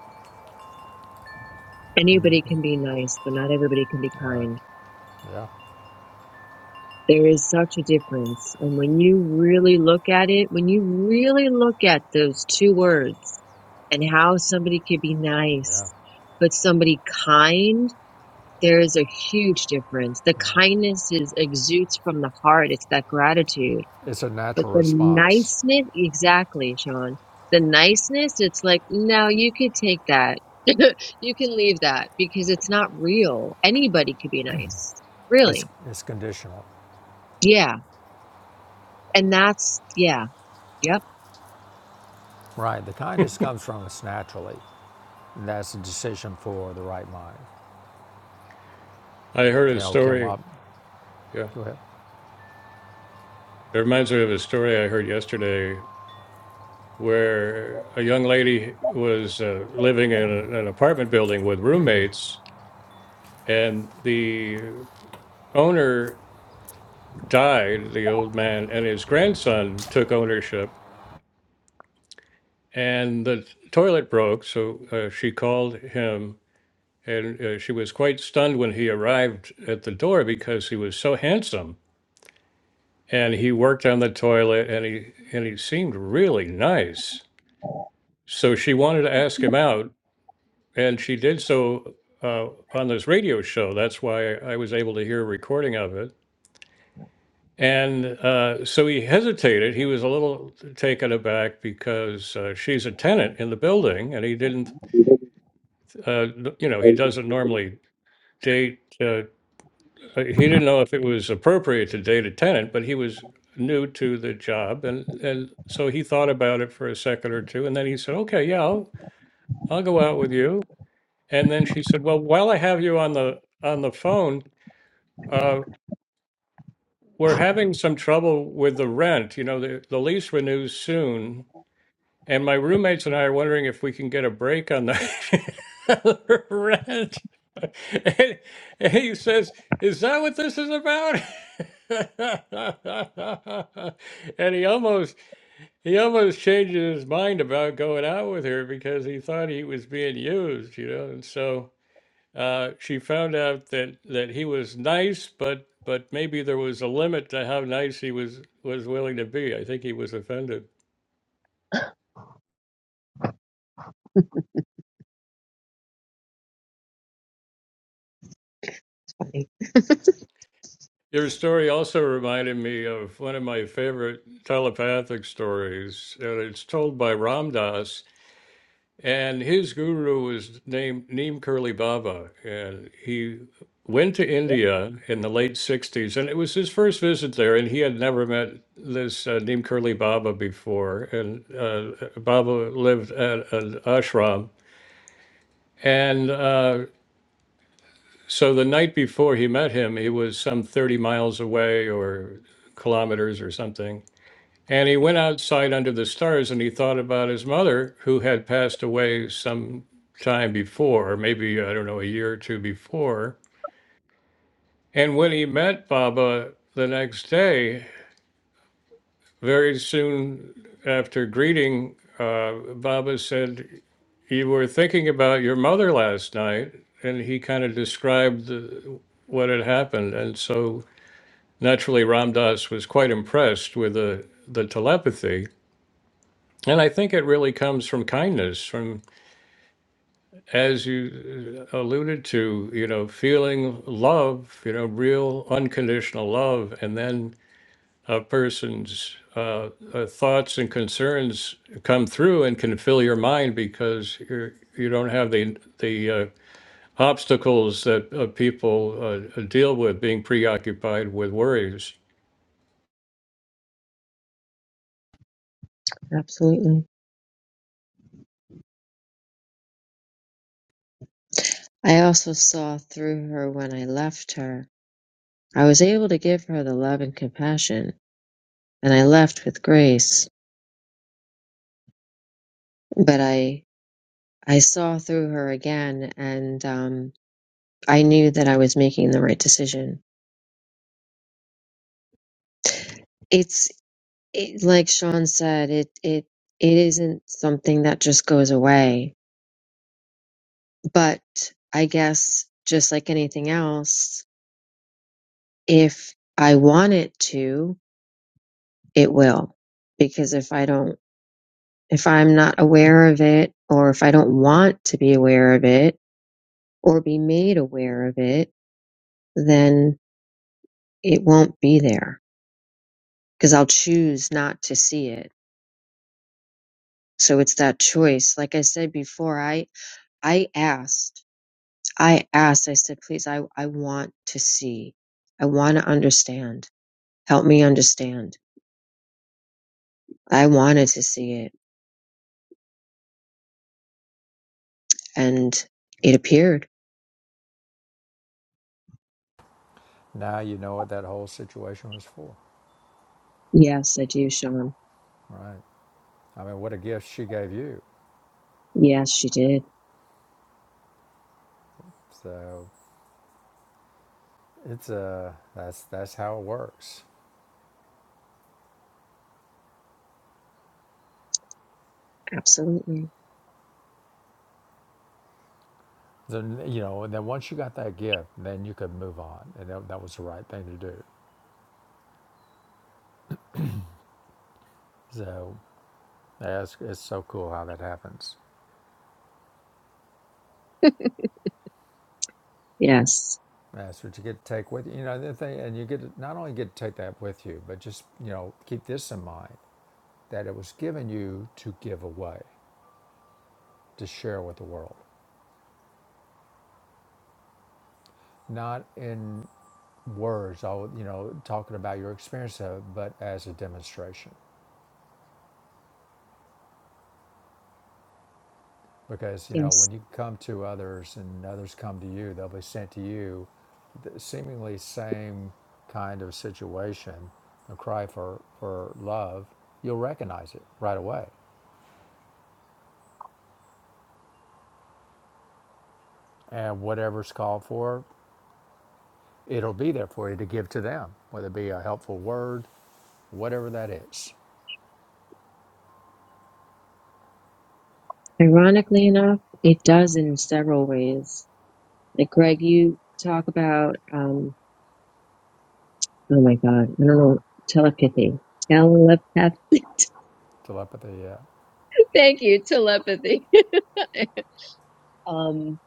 [SPEAKER 3] Anybody can be nice, but not everybody can be kind.
[SPEAKER 1] Yeah,
[SPEAKER 3] There is such a difference. And when you really look at it, when you really look at those two words and how somebody could be
[SPEAKER 1] yeah.
[SPEAKER 3] nice, but somebody kind, there is a huge difference. The kindness is exudes from the heart. It's that gratitude.
[SPEAKER 1] It's a
[SPEAKER 3] But
[SPEAKER 1] natural
[SPEAKER 3] the
[SPEAKER 1] response,
[SPEAKER 3] niceness, exactly, Sean. The niceness, it's like, no, you could take that. [laughs] you can leave that because it's not real. Anybody could be nice.
[SPEAKER 1] it's,
[SPEAKER 3] Really.
[SPEAKER 1] it's conditional.
[SPEAKER 3] Yeah. And that's, yeah Yep,
[SPEAKER 1] Right, the kindness comes from us naturally. And that's a decision for the right mind.
[SPEAKER 2] I heard a
[SPEAKER 1] You know, Kim
[SPEAKER 2] story.
[SPEAKER 1] Wap,
[SPEAKER 2] Yeah,
[SPEAKER 1] go ahead.
[SPEAKER 2] it reminds me of a story I heard yesterday where a young lady was uh, living in a, an apartment building with roommates, and the owner died, the old man, and his grandson took ownership, and the toilet broke, so uh, she called him. And uh, she was quite stunned when he arrived at the door because he was so handsome, and he worked on the toilet, and he and he seemed really nice. So she wanted to ask him out, And she did so uh, on this radio show. That's why I was able to hear a recording of it. And uh, so he hesitated. He was a little taken aback because uh, she's a tenant in the building, and he didn't, uh, you know, he doesn't normally date. Uh, he didn't know if it was appropriate to date a tenant, but he was new to the job, and and so he thought about it for a second or two, and then he said, "Okay, yeah, I'll, I'll go out with you." And then she said, "Well, while I have you on the on the phone, Uh, we're having some trouble with the rent. You know, the, the lease renews soon, and my roommates and I are wondering if we can get a break on the [laughs] rent. And, and he says, Is that what this is about? [laughs] and he almost he almost changes his mind about going out with her because he thought he was being used, you know. And so uh, she found out that that he was nice, but but maybe there was a limit to how nice he was was willing to be. I think he was offended. Your story also reminded me of one of my favorite telepathic stories, and it's told by Ram Dass. And his guru was named Neem Curly Baba. And he went to India in the late 60s. And it was his first visit there. And he had never met this uh, Neem Curly Baba before. And uh, Baba lived at an ashram. And uh, so the night before he met him, he was some 30 miles away or kilometers or something and he went outside under the stars and he thought about his mother, who had passed away some time before, maybe, I don't know, a year or two before. And when he met Baba the next day, very soon after greeting, uh, Baba said, You were thinking about your mother last night. And he kind of described the, what had happened. And so naturally, Ram Dass was quite impressed with the, the telepathy And I think it really comes from kindness, from, as you uh, alluded to, you know, feeling love, you know, real unconditional love. And then a person's uh, uh, thoughts and concerns come through and can fill your mind because you're, you don't have the, the uh, obstacles that uh, people uh, deal with being preoccupied with worries.
[SPEAKER 3] absolutely. I also saw through her when I left her. I was able to give her the love and compassion, and I left with grace. But I I saw through her again, and um, I knew that I was making the right decision. It's it, like Sean said, it it it isn't something that just goes away. But I guess just like anything else, if I want it to, it will. Because if I don't, if I'm not aware of it, or if I don't want to be aware of it, or be made aware of it, then it won't be there because I'll choose not to see it. So it's that choice. Like I said before, I, I asked, I asked, I said, please, I, I want to see. I want to understand. Help me understand. I wanted to see it and it appeared.
[SPEAKER 1] Now you know what that whole situation was for.
[SPEAKER 3] Yes, I do, Sean.
[SPEAKER 1] Right. I mean, what a gift she gave you.
[SPEAKER 3] Yes, she did.
[SPEAKER 1] So it's a, that's, that's how it works.
[SPEAKER 3] Absolutely.
[SPEAKER 1] Then, you know, and then once you got that gift, then you could move on, and that, that was the right thing to do. So that's it's so cool how that happens.
[SPEAKER 3] Yes.
[SPEAKER 1] That's what you get to take with you. You know, the thing, and you get to, not only get to take that with you, but just you know keep this in mind that it was given you to give away, to share with the world, not in words. All you know, talking about your experience of, it, but as a demonstration. because you know
[SPEAKER 3] Yes.
[SPEAKER 1] when you come to others and others come to you they'll be sent to you the seemingly same kind of situation a cry for for love you'll recognize it right away and whatever's called for it'll be there for you to give to them whether it be a helpful word whatever that is
[SPEAKER 3] Ironically enough, it does in several ways. Like Greg, you talk about, um, oh my God, I don't know, telepathy. Telepathy.
[SPEAKER 1] telepathy yeah
[SPEAKER 3] [laughs] Thank you, telepathy. [laughs] um,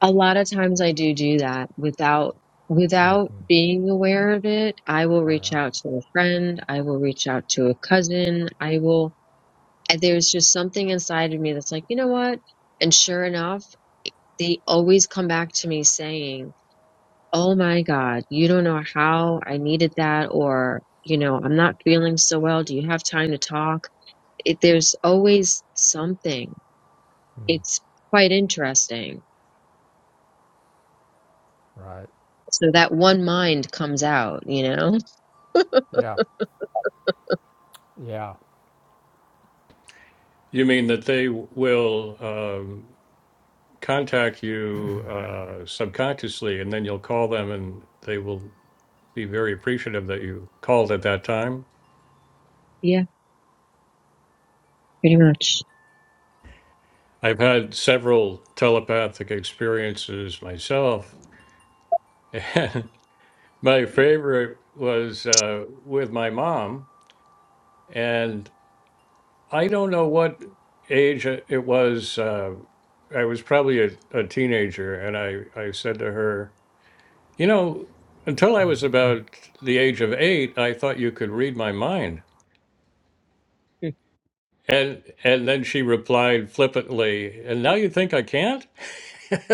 [SPEAKER 3] a lot of times I do do that without, without
[SPEAKER 1] Mm.
[SPEAKER 3] being aware of it. I will
[SPEAKER 1] oh
[SPEAKER 3] reach
[SPEAKER 1] yeah
[SPEAKER 3] out to a friend. I will reach out to a cousin. I will, there's just something inside of me that's like, you know what? And sure enough, they always come back to me saying, Oh my God, you don't know how I needed that, or, you know, I'm not feeling so well. Do you have time to talk? It, there's always something.
[SPEAKER 1] Mm.
[SPEAKER 3] It's quite interesting.
[SPEAKER 1] Right.
[SPEAKER 3] So that one mind comes out, you know?
[SPEAKER 1] Yeah. Yeah.
[SPEAKER 2] You mean that they will. um, contact you uh, subconsciously, and then you'll call them, and they will be very appreciative that you called at that time.
[SPEAKER 3] Yeah, pretty much.
[SPEAKER 2] I've had several telepathic experiences myself, and [laughs] my favorite was uh, with my mom. And I don't know what age it it was. Uh, I was probably a, a teenager, and I, I said to her, You know, until I was about the age of eight, I thought you could read my mind.
[SPEAKER 3] [laughs]
[SPEAKER 2] And and then she replied flippantly, "And now you think I can't?" [laughs]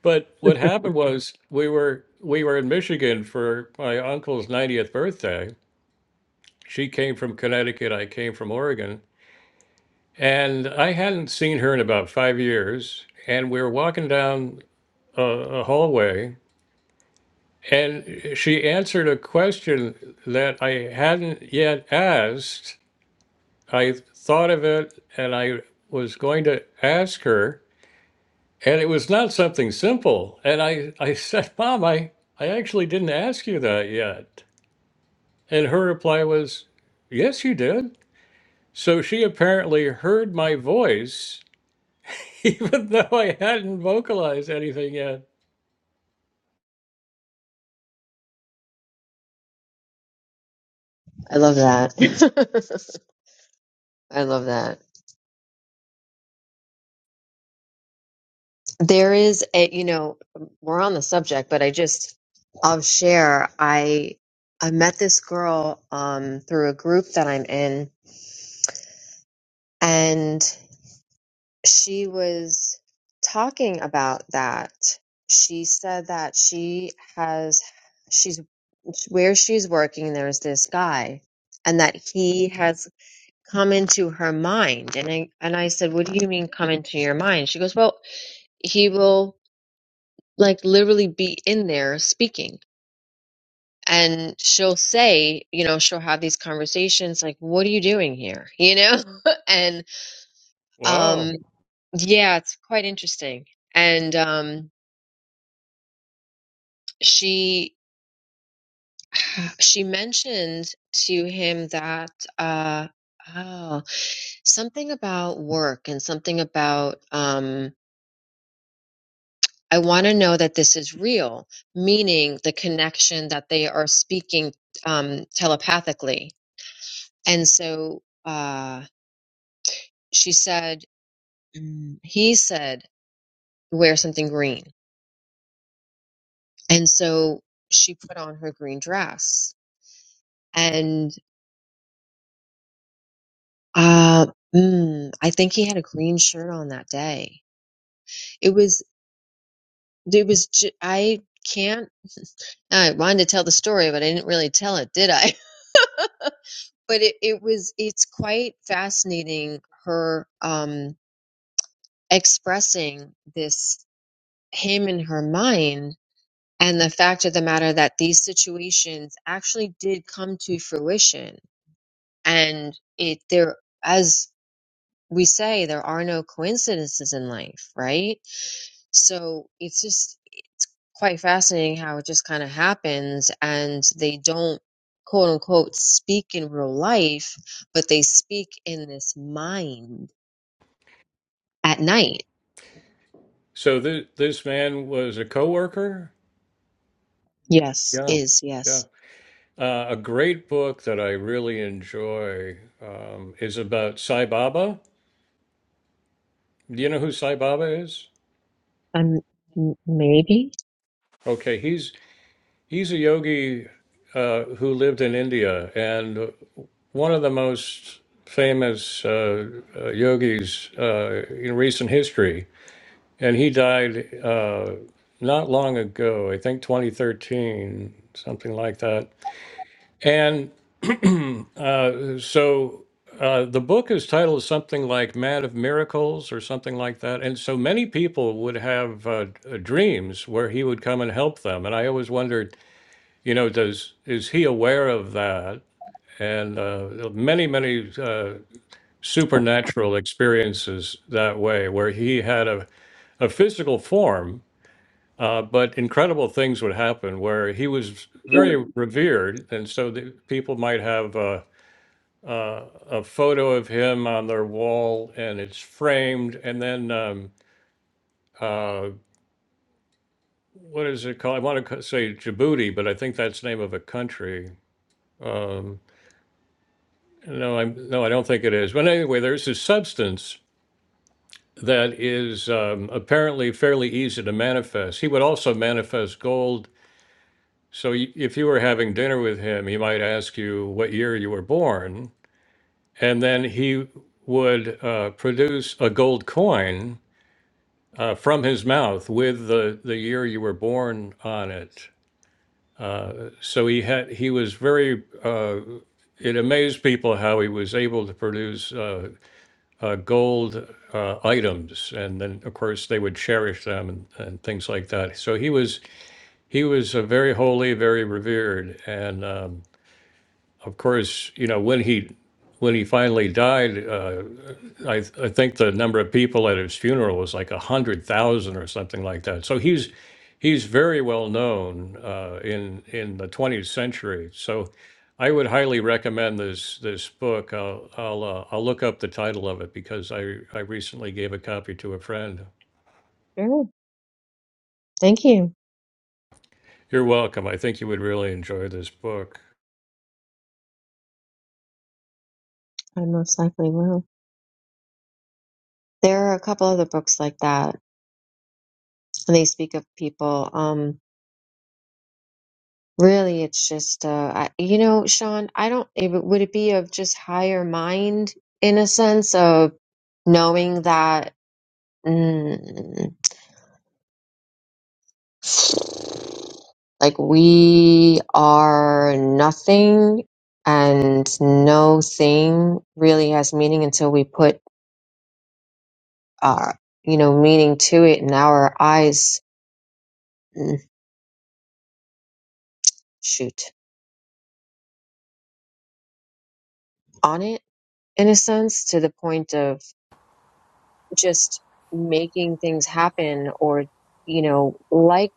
[SPEAKER 2] but what happened was we were we were in Michigan for my uncle's 90th birthday. She came from Connecticut, I came from Oregon, and I hadn't seen her in about 5 years, and we were walking down a, a hallway and she answered a question that I hadn't yet asked I thought of it and I was going to ask her, and it was not something simple. And I, I [laughs] said, Mom, I, I actually didn't ask you that yet. And her reply was, Yes, you did. So she apparently heard my voice, [laughs] even though I hadn't vocalized anything yet.
[SPEAKER 3] I love that. [laughs] I love that. There is a, you know, we're on the subject, but I just, I'll share. I, I met this girl, um, through a group that I'm in and she was talking about that. She said that she has, she's where she's working. There's this guy and that he has come into her mind. And I, and I said, what do you mean come into your mind? She goes, well, he will. like literally be in there speaking and she'll say you know she'll have these conversations like what are you doing here you know [laughs] and
[SPEAKER 2] Wow.
[SPEAKER 3] um yeah it's quite interesting and um she [sighs] she mentioned to him that uh oh something about work and something about um I want to know that this is real, meaning the connection that they are speaking um, telepathically And so uh, she said, mm, he said, wear something green. And so she put on her green dress. And uh, mm, I think he had a green shirt on that day. It was, it was, ju- I can't, [laughs] I wanted to tell the story, but I didn't really tell it, did I? [laughs] but it, it was it's quite fascinating her um expressing this him in her mind And the fact of the matter that these situations actually did come to fruition. And it there as we say, there are no coincidences in life, right? So it's just quite fascinating how it just kind of happens and they don't quote unquote speak in real life, but they speak in this mind at night.
[SPEAKER 2] So th- this man was a coworker?
[SPEAKER 3] Yes,
[SPEAKER 2] Yeah.
[SPEAKER 3] is
[SPEAKER 2] Yeah.
[SPEAKER 3] yes.
[SPEAKER 2] Uh, a great book that I really enjoy um, is about Sai Baba. Do you know who Sai Baba is?
[SPEAKER 3] Um, m- maybe.
[SPEAKER 2] Okay, he's he's a yogi uh, who lived in India, and one of the most famous uh, uh, yogis uh, in recent history. And he died uh, not long ago, I think 2013, something like that. And. Uh, so uh, the book is titled something like Man of Miracles or something like that. And so many people would have uh, d- dreams where he would come and help them. And I always wondered, you know, does is he aware of that? And uh, many, many uh, supernatural experiences that way, where he had a, a physical form, uh, but incredible things would happen where he was very revered. And so the people might have. Uh, a photo of him on their wall and it's framed. And then, um, uh, what is it called? I want to say Djibouti, but I think that's the name of a country. Um, no, I'm no, I don't think it is. But anyway, there's this substance that is um, apparently fairly easy to manifest. He would also manifest gold. So y- if you were having dinner with him, he might ask you what year you were born, and then he would uh, produce a gold coin uh, from his mouth with the, the year you were born on it. So he had he was very. Uh, it amazed people how he was able to produce uh, uh, gold uh, items, and then of course they would cherish them and, and things like that. So he was he was uh, very holy, very revered, and um, of course you know when he when he finally died. Uh, I, th- I think the number of people at his funeral was like a hundred thousand or something like that. So he's he's very well known uh, in in the 20th century. So I would highly recommend this this book. I'll I'll, uh, I'll look up the title of it because I I recently gave a copy to a friend.
[SPEAKER 3] Sure. Thank you.
[SPEAKER 2] You're welcome. I think you would really enjoy this book.
[SPEAKER 3] I most likely will. There are a couple other books like that. they speak of people. Um, really, it's just, uh, I, you know, Sean, I don't, it, would it be of just higher mind in a sense of knowing that, mm, like, we are nothing and no thing really has meaning until we put our, you know, meaning to it and our eyes, mm, shoot, on it in a sense to the point of just making things happen or you know like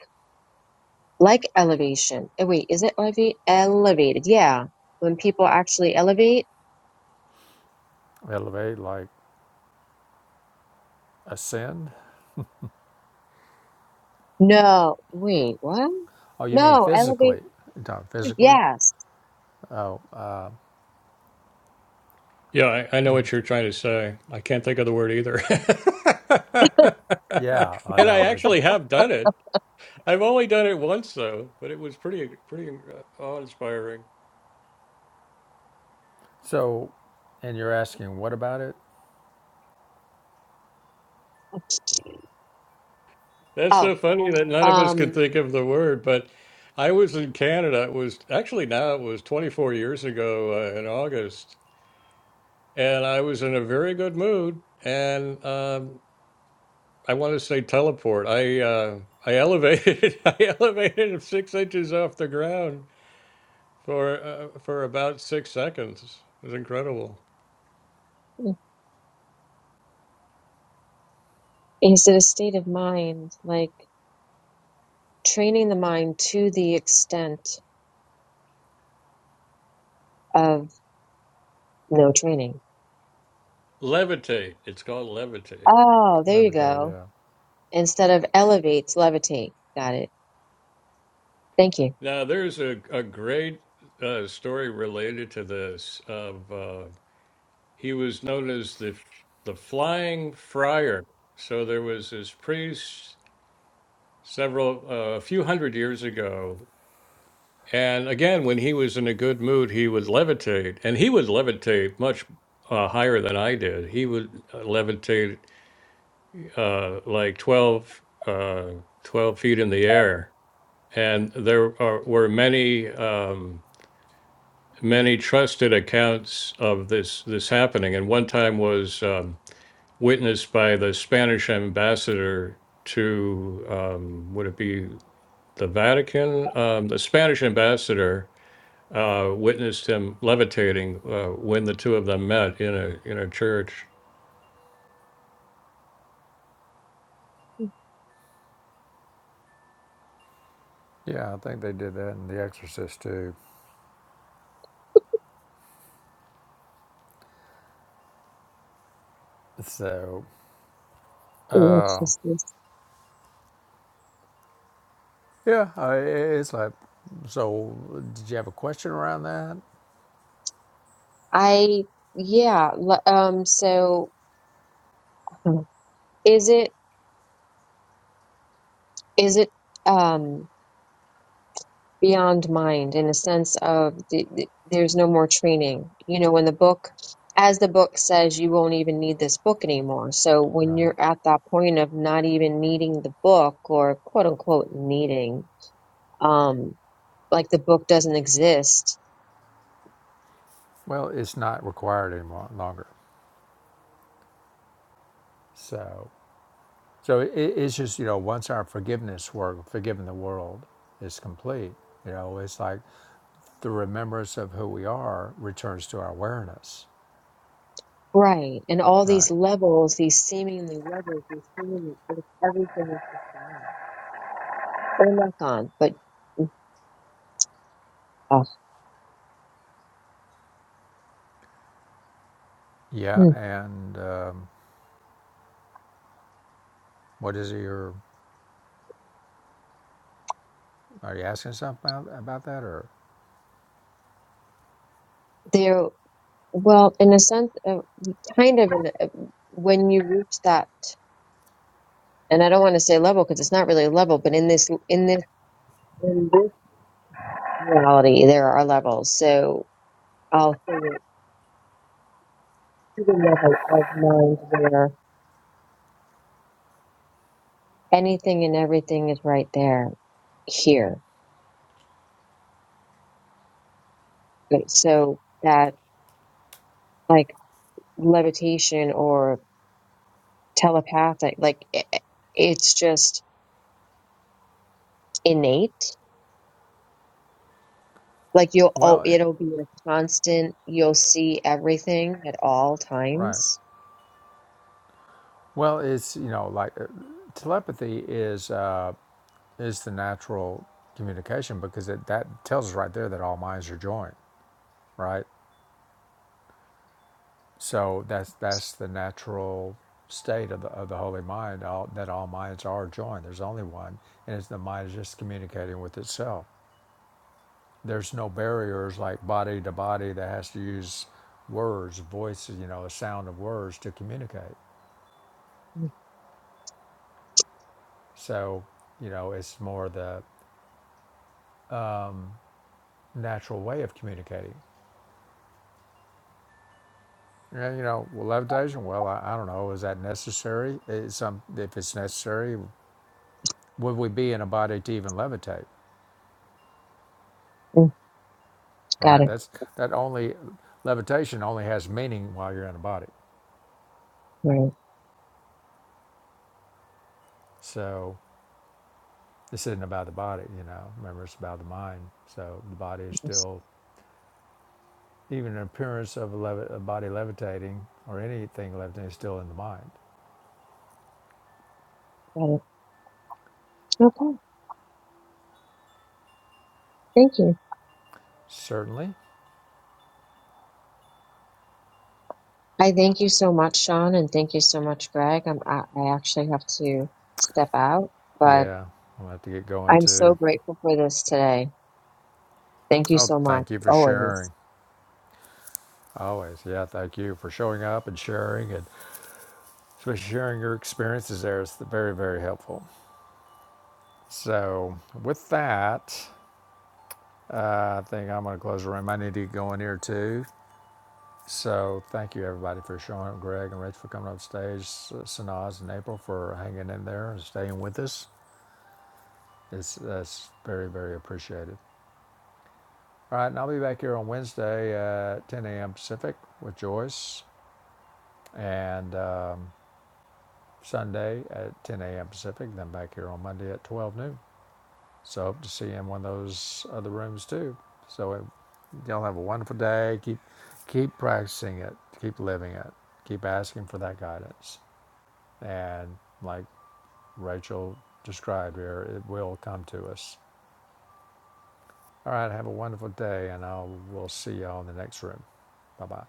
[SPEAKER 3] like elevation Eh, wait is it elevate elevated yeah when people actually elevate
[SPEAKER 1] Elevate, like ascend.
[SPEAKER 3] no wait what
[SPEAKER 1] Oh, you mean
[SPEAKER 3] no elevate
[SPEAKER 1] physically? You're talking physically?
[SPEAKER 3] yes
[SPEAKER 1] Oh, uh,
[SPEAKER 2] Yeah, I, I know what you're trying to say. I can't think of the word either.
[SPEAKER 1] yeah, I
[SPEAKER 2] [laughs] and I
[SPEAKER 1] know. It's
[SPEAKER 2] actually have done it. I've only done it once though, but it was pretty pretty uh, awe-inspiring.
[SPEAKER 1] so, and you're asking what about it?
[SPEAKER 2] That's
[SPEAKER 3] oh
[SPEAKER 2] so funny that none of us could
[SPEAKER 3] um
[SPEAKER 2] think of the word. But I was in Canada. It was actually now it was 24 years ago uh, in August, and I was in a very good mood. And um, I want to say teleport. I uh, I elevated [laughs] I elevated six inches off the ground for uh, for about six seconds. It was incredible.
[SPEAKER 3] is it a state of mind like training the mind to the extent of no training
[SPEAKER 2] Levitate. It's called levitate.
[SPEAKER 3] oh there you
[SPEAKER 1] Levite,
[SPEAKER 3] go
[SPEAKER 1] yeah.
[SPEAKER 3] instead of elevate levitate got it thank you
[SPEAKER 2] Now, there's a, a great uh, story related to this of uh, he was known as the the flying friar. So there was this priest several uh, a few hundred years ago, and again, when he was in a good mood, he would levitate, and he would levitate much uh, higher than I did. He would uh, levitate uh, like 12, uh, 12 feet in the air, and there are, were many. Um, many trusted accounts of this this happening, and one time was um, witnessed by the Spanish ambassador to um, would it be the Vatican? Um, the Spanish ambassador uh, witnessed him levitating uh, when the two of them met in a in a church.
[SPEAKER 1] Yeah, I think they did that in The Exorcist too. So,
[SPEAKER 3] Yes. Yes. yes.
[SPEAKER 1] Yeah, I, it's like, so did you have a question around that?
[SPEAKER 3] I yeah, l- um so is it is it um beyond mind in a sense of the, the, there's no more training. You know, when the book as the book says you won't even need this book anymore. So when
[SPEAKER 1] right,
[SPEAKER 3] you're at that point of not even needing the book or quote unquote needing um like the book doesn't exist.
[SPEAKER 1] Well, it's not required any mo- longer. So, so it, it's just you know once our forgiveness work, forgiving the world, is complete, you know, it's like the remembrance of who we are returns to our awareness,
[SPEAKER 3] Right. And all
[SPEAKER 1] right?
[SPEAKER 3] these levels, these seemingly levels, these seemingly like, everything is just gone. They're not gone, but
[SPEAKER 1] Yeah,
[SPEAKER 3] Hmm.
[SPEAKER 1] and um, what is it? You're are you asking something about about that or?
[SPEAKER 3] There, well, in a sense, uh, kind of, in a, uh, when you reach that, and I don't want to say level because it's not really a level, but in this, in this, in this reality, there are levels. So I'll say it to the level of mind where anything and everything is right there, here. Like, So that, like levitation or telepathic, like it, it's just innate. Like you'll oh
[SPEAKER 1] Well, it,
[SPEAKER 3] it'll be a constant. You'll see everything at all
[SPEAKER 1] right.
[SPEAKER 3] times.
[SPEAKER 1] Well, it's you know like uh, telepathy is uh, is the natural communication because it, that tells us right there that all minds are joined, right? So that's that's the natural state of the of the holy mind all, that all minds are joined. There's only one, and it's the mind is just communicating with itself. there's no barriers like body to body that has to use words, voice, you know, the sound of words to communicate. So, you know, it's more the natural way of communicating. Yeah, you know, well, levitation. Well, I, I don't know. Is that necessary? Is some, if it's necessary, would we be in a body to even levitate?
[SPEAKER 3] Mm,
[SPEAKER 1] All
[SPEAKER 3] Got
[SPEAKER 1] right,
[SPEAKER 3] it.
[SPEAKER 1] that's that only levitation only has meaning while you're in a body.
[SPEAKER 3] Right.
[SPEAKER 1] So this isn't about the body, you know. Remember, it's about the mind. So the body is
[SPEAKER 3] Yes,
[SPEAKER 1] still Even an appearance of a, levi- a body levitating or anything levitating is still in the mind.
[SPEAKER 3] Got it. Okay. Thank you.
[SPEAKER 1] Certainly.
[SPEAKER 3] I thank you so much, Sean, and thank you so much, Greg. I'm, I, I actually have to step out, but
[SPEAKER 1] Yeah, I'm going to have to get going
[SPEAKER 3] I'm so
[SPEAKER 1] too.
[SPEAKER 3] grateful for this today. Thank you
[SPEAKER 1] Oh,
[SPEAKER 3] so much.
[SPEAKER 1] thank you for
[SPEAKER 3] Always.
[SPEAKER 1] sharing. Always. Yeah, thank you for showing up and sharing and especially sharing your experiences there. It's very, very helpful. So, with that, uh, I think I'm going to close the room. I need to go in here too. So, thank you everybody for showing up. Greg and Rachel for coming up stage, Sanaz and April for hanging in there and staying with us. It's, that's very, very appreciated. All right, and I'll be back here on Wednesday at 10 a.m. Pacific with Joyce, and um, Sunday at 10 a.m. Pacific, then back here on Monday at 12 noon. So hope to see you in one of those other rooms too. So uh, y'all have a wonderful day. Keep keep practicing it. Keep living it. Keep asking for that guidance. And like Rachel described here, it will come to us. All right, have a wonderful day, and I'll we'll see y'all in the next room. Bye bye.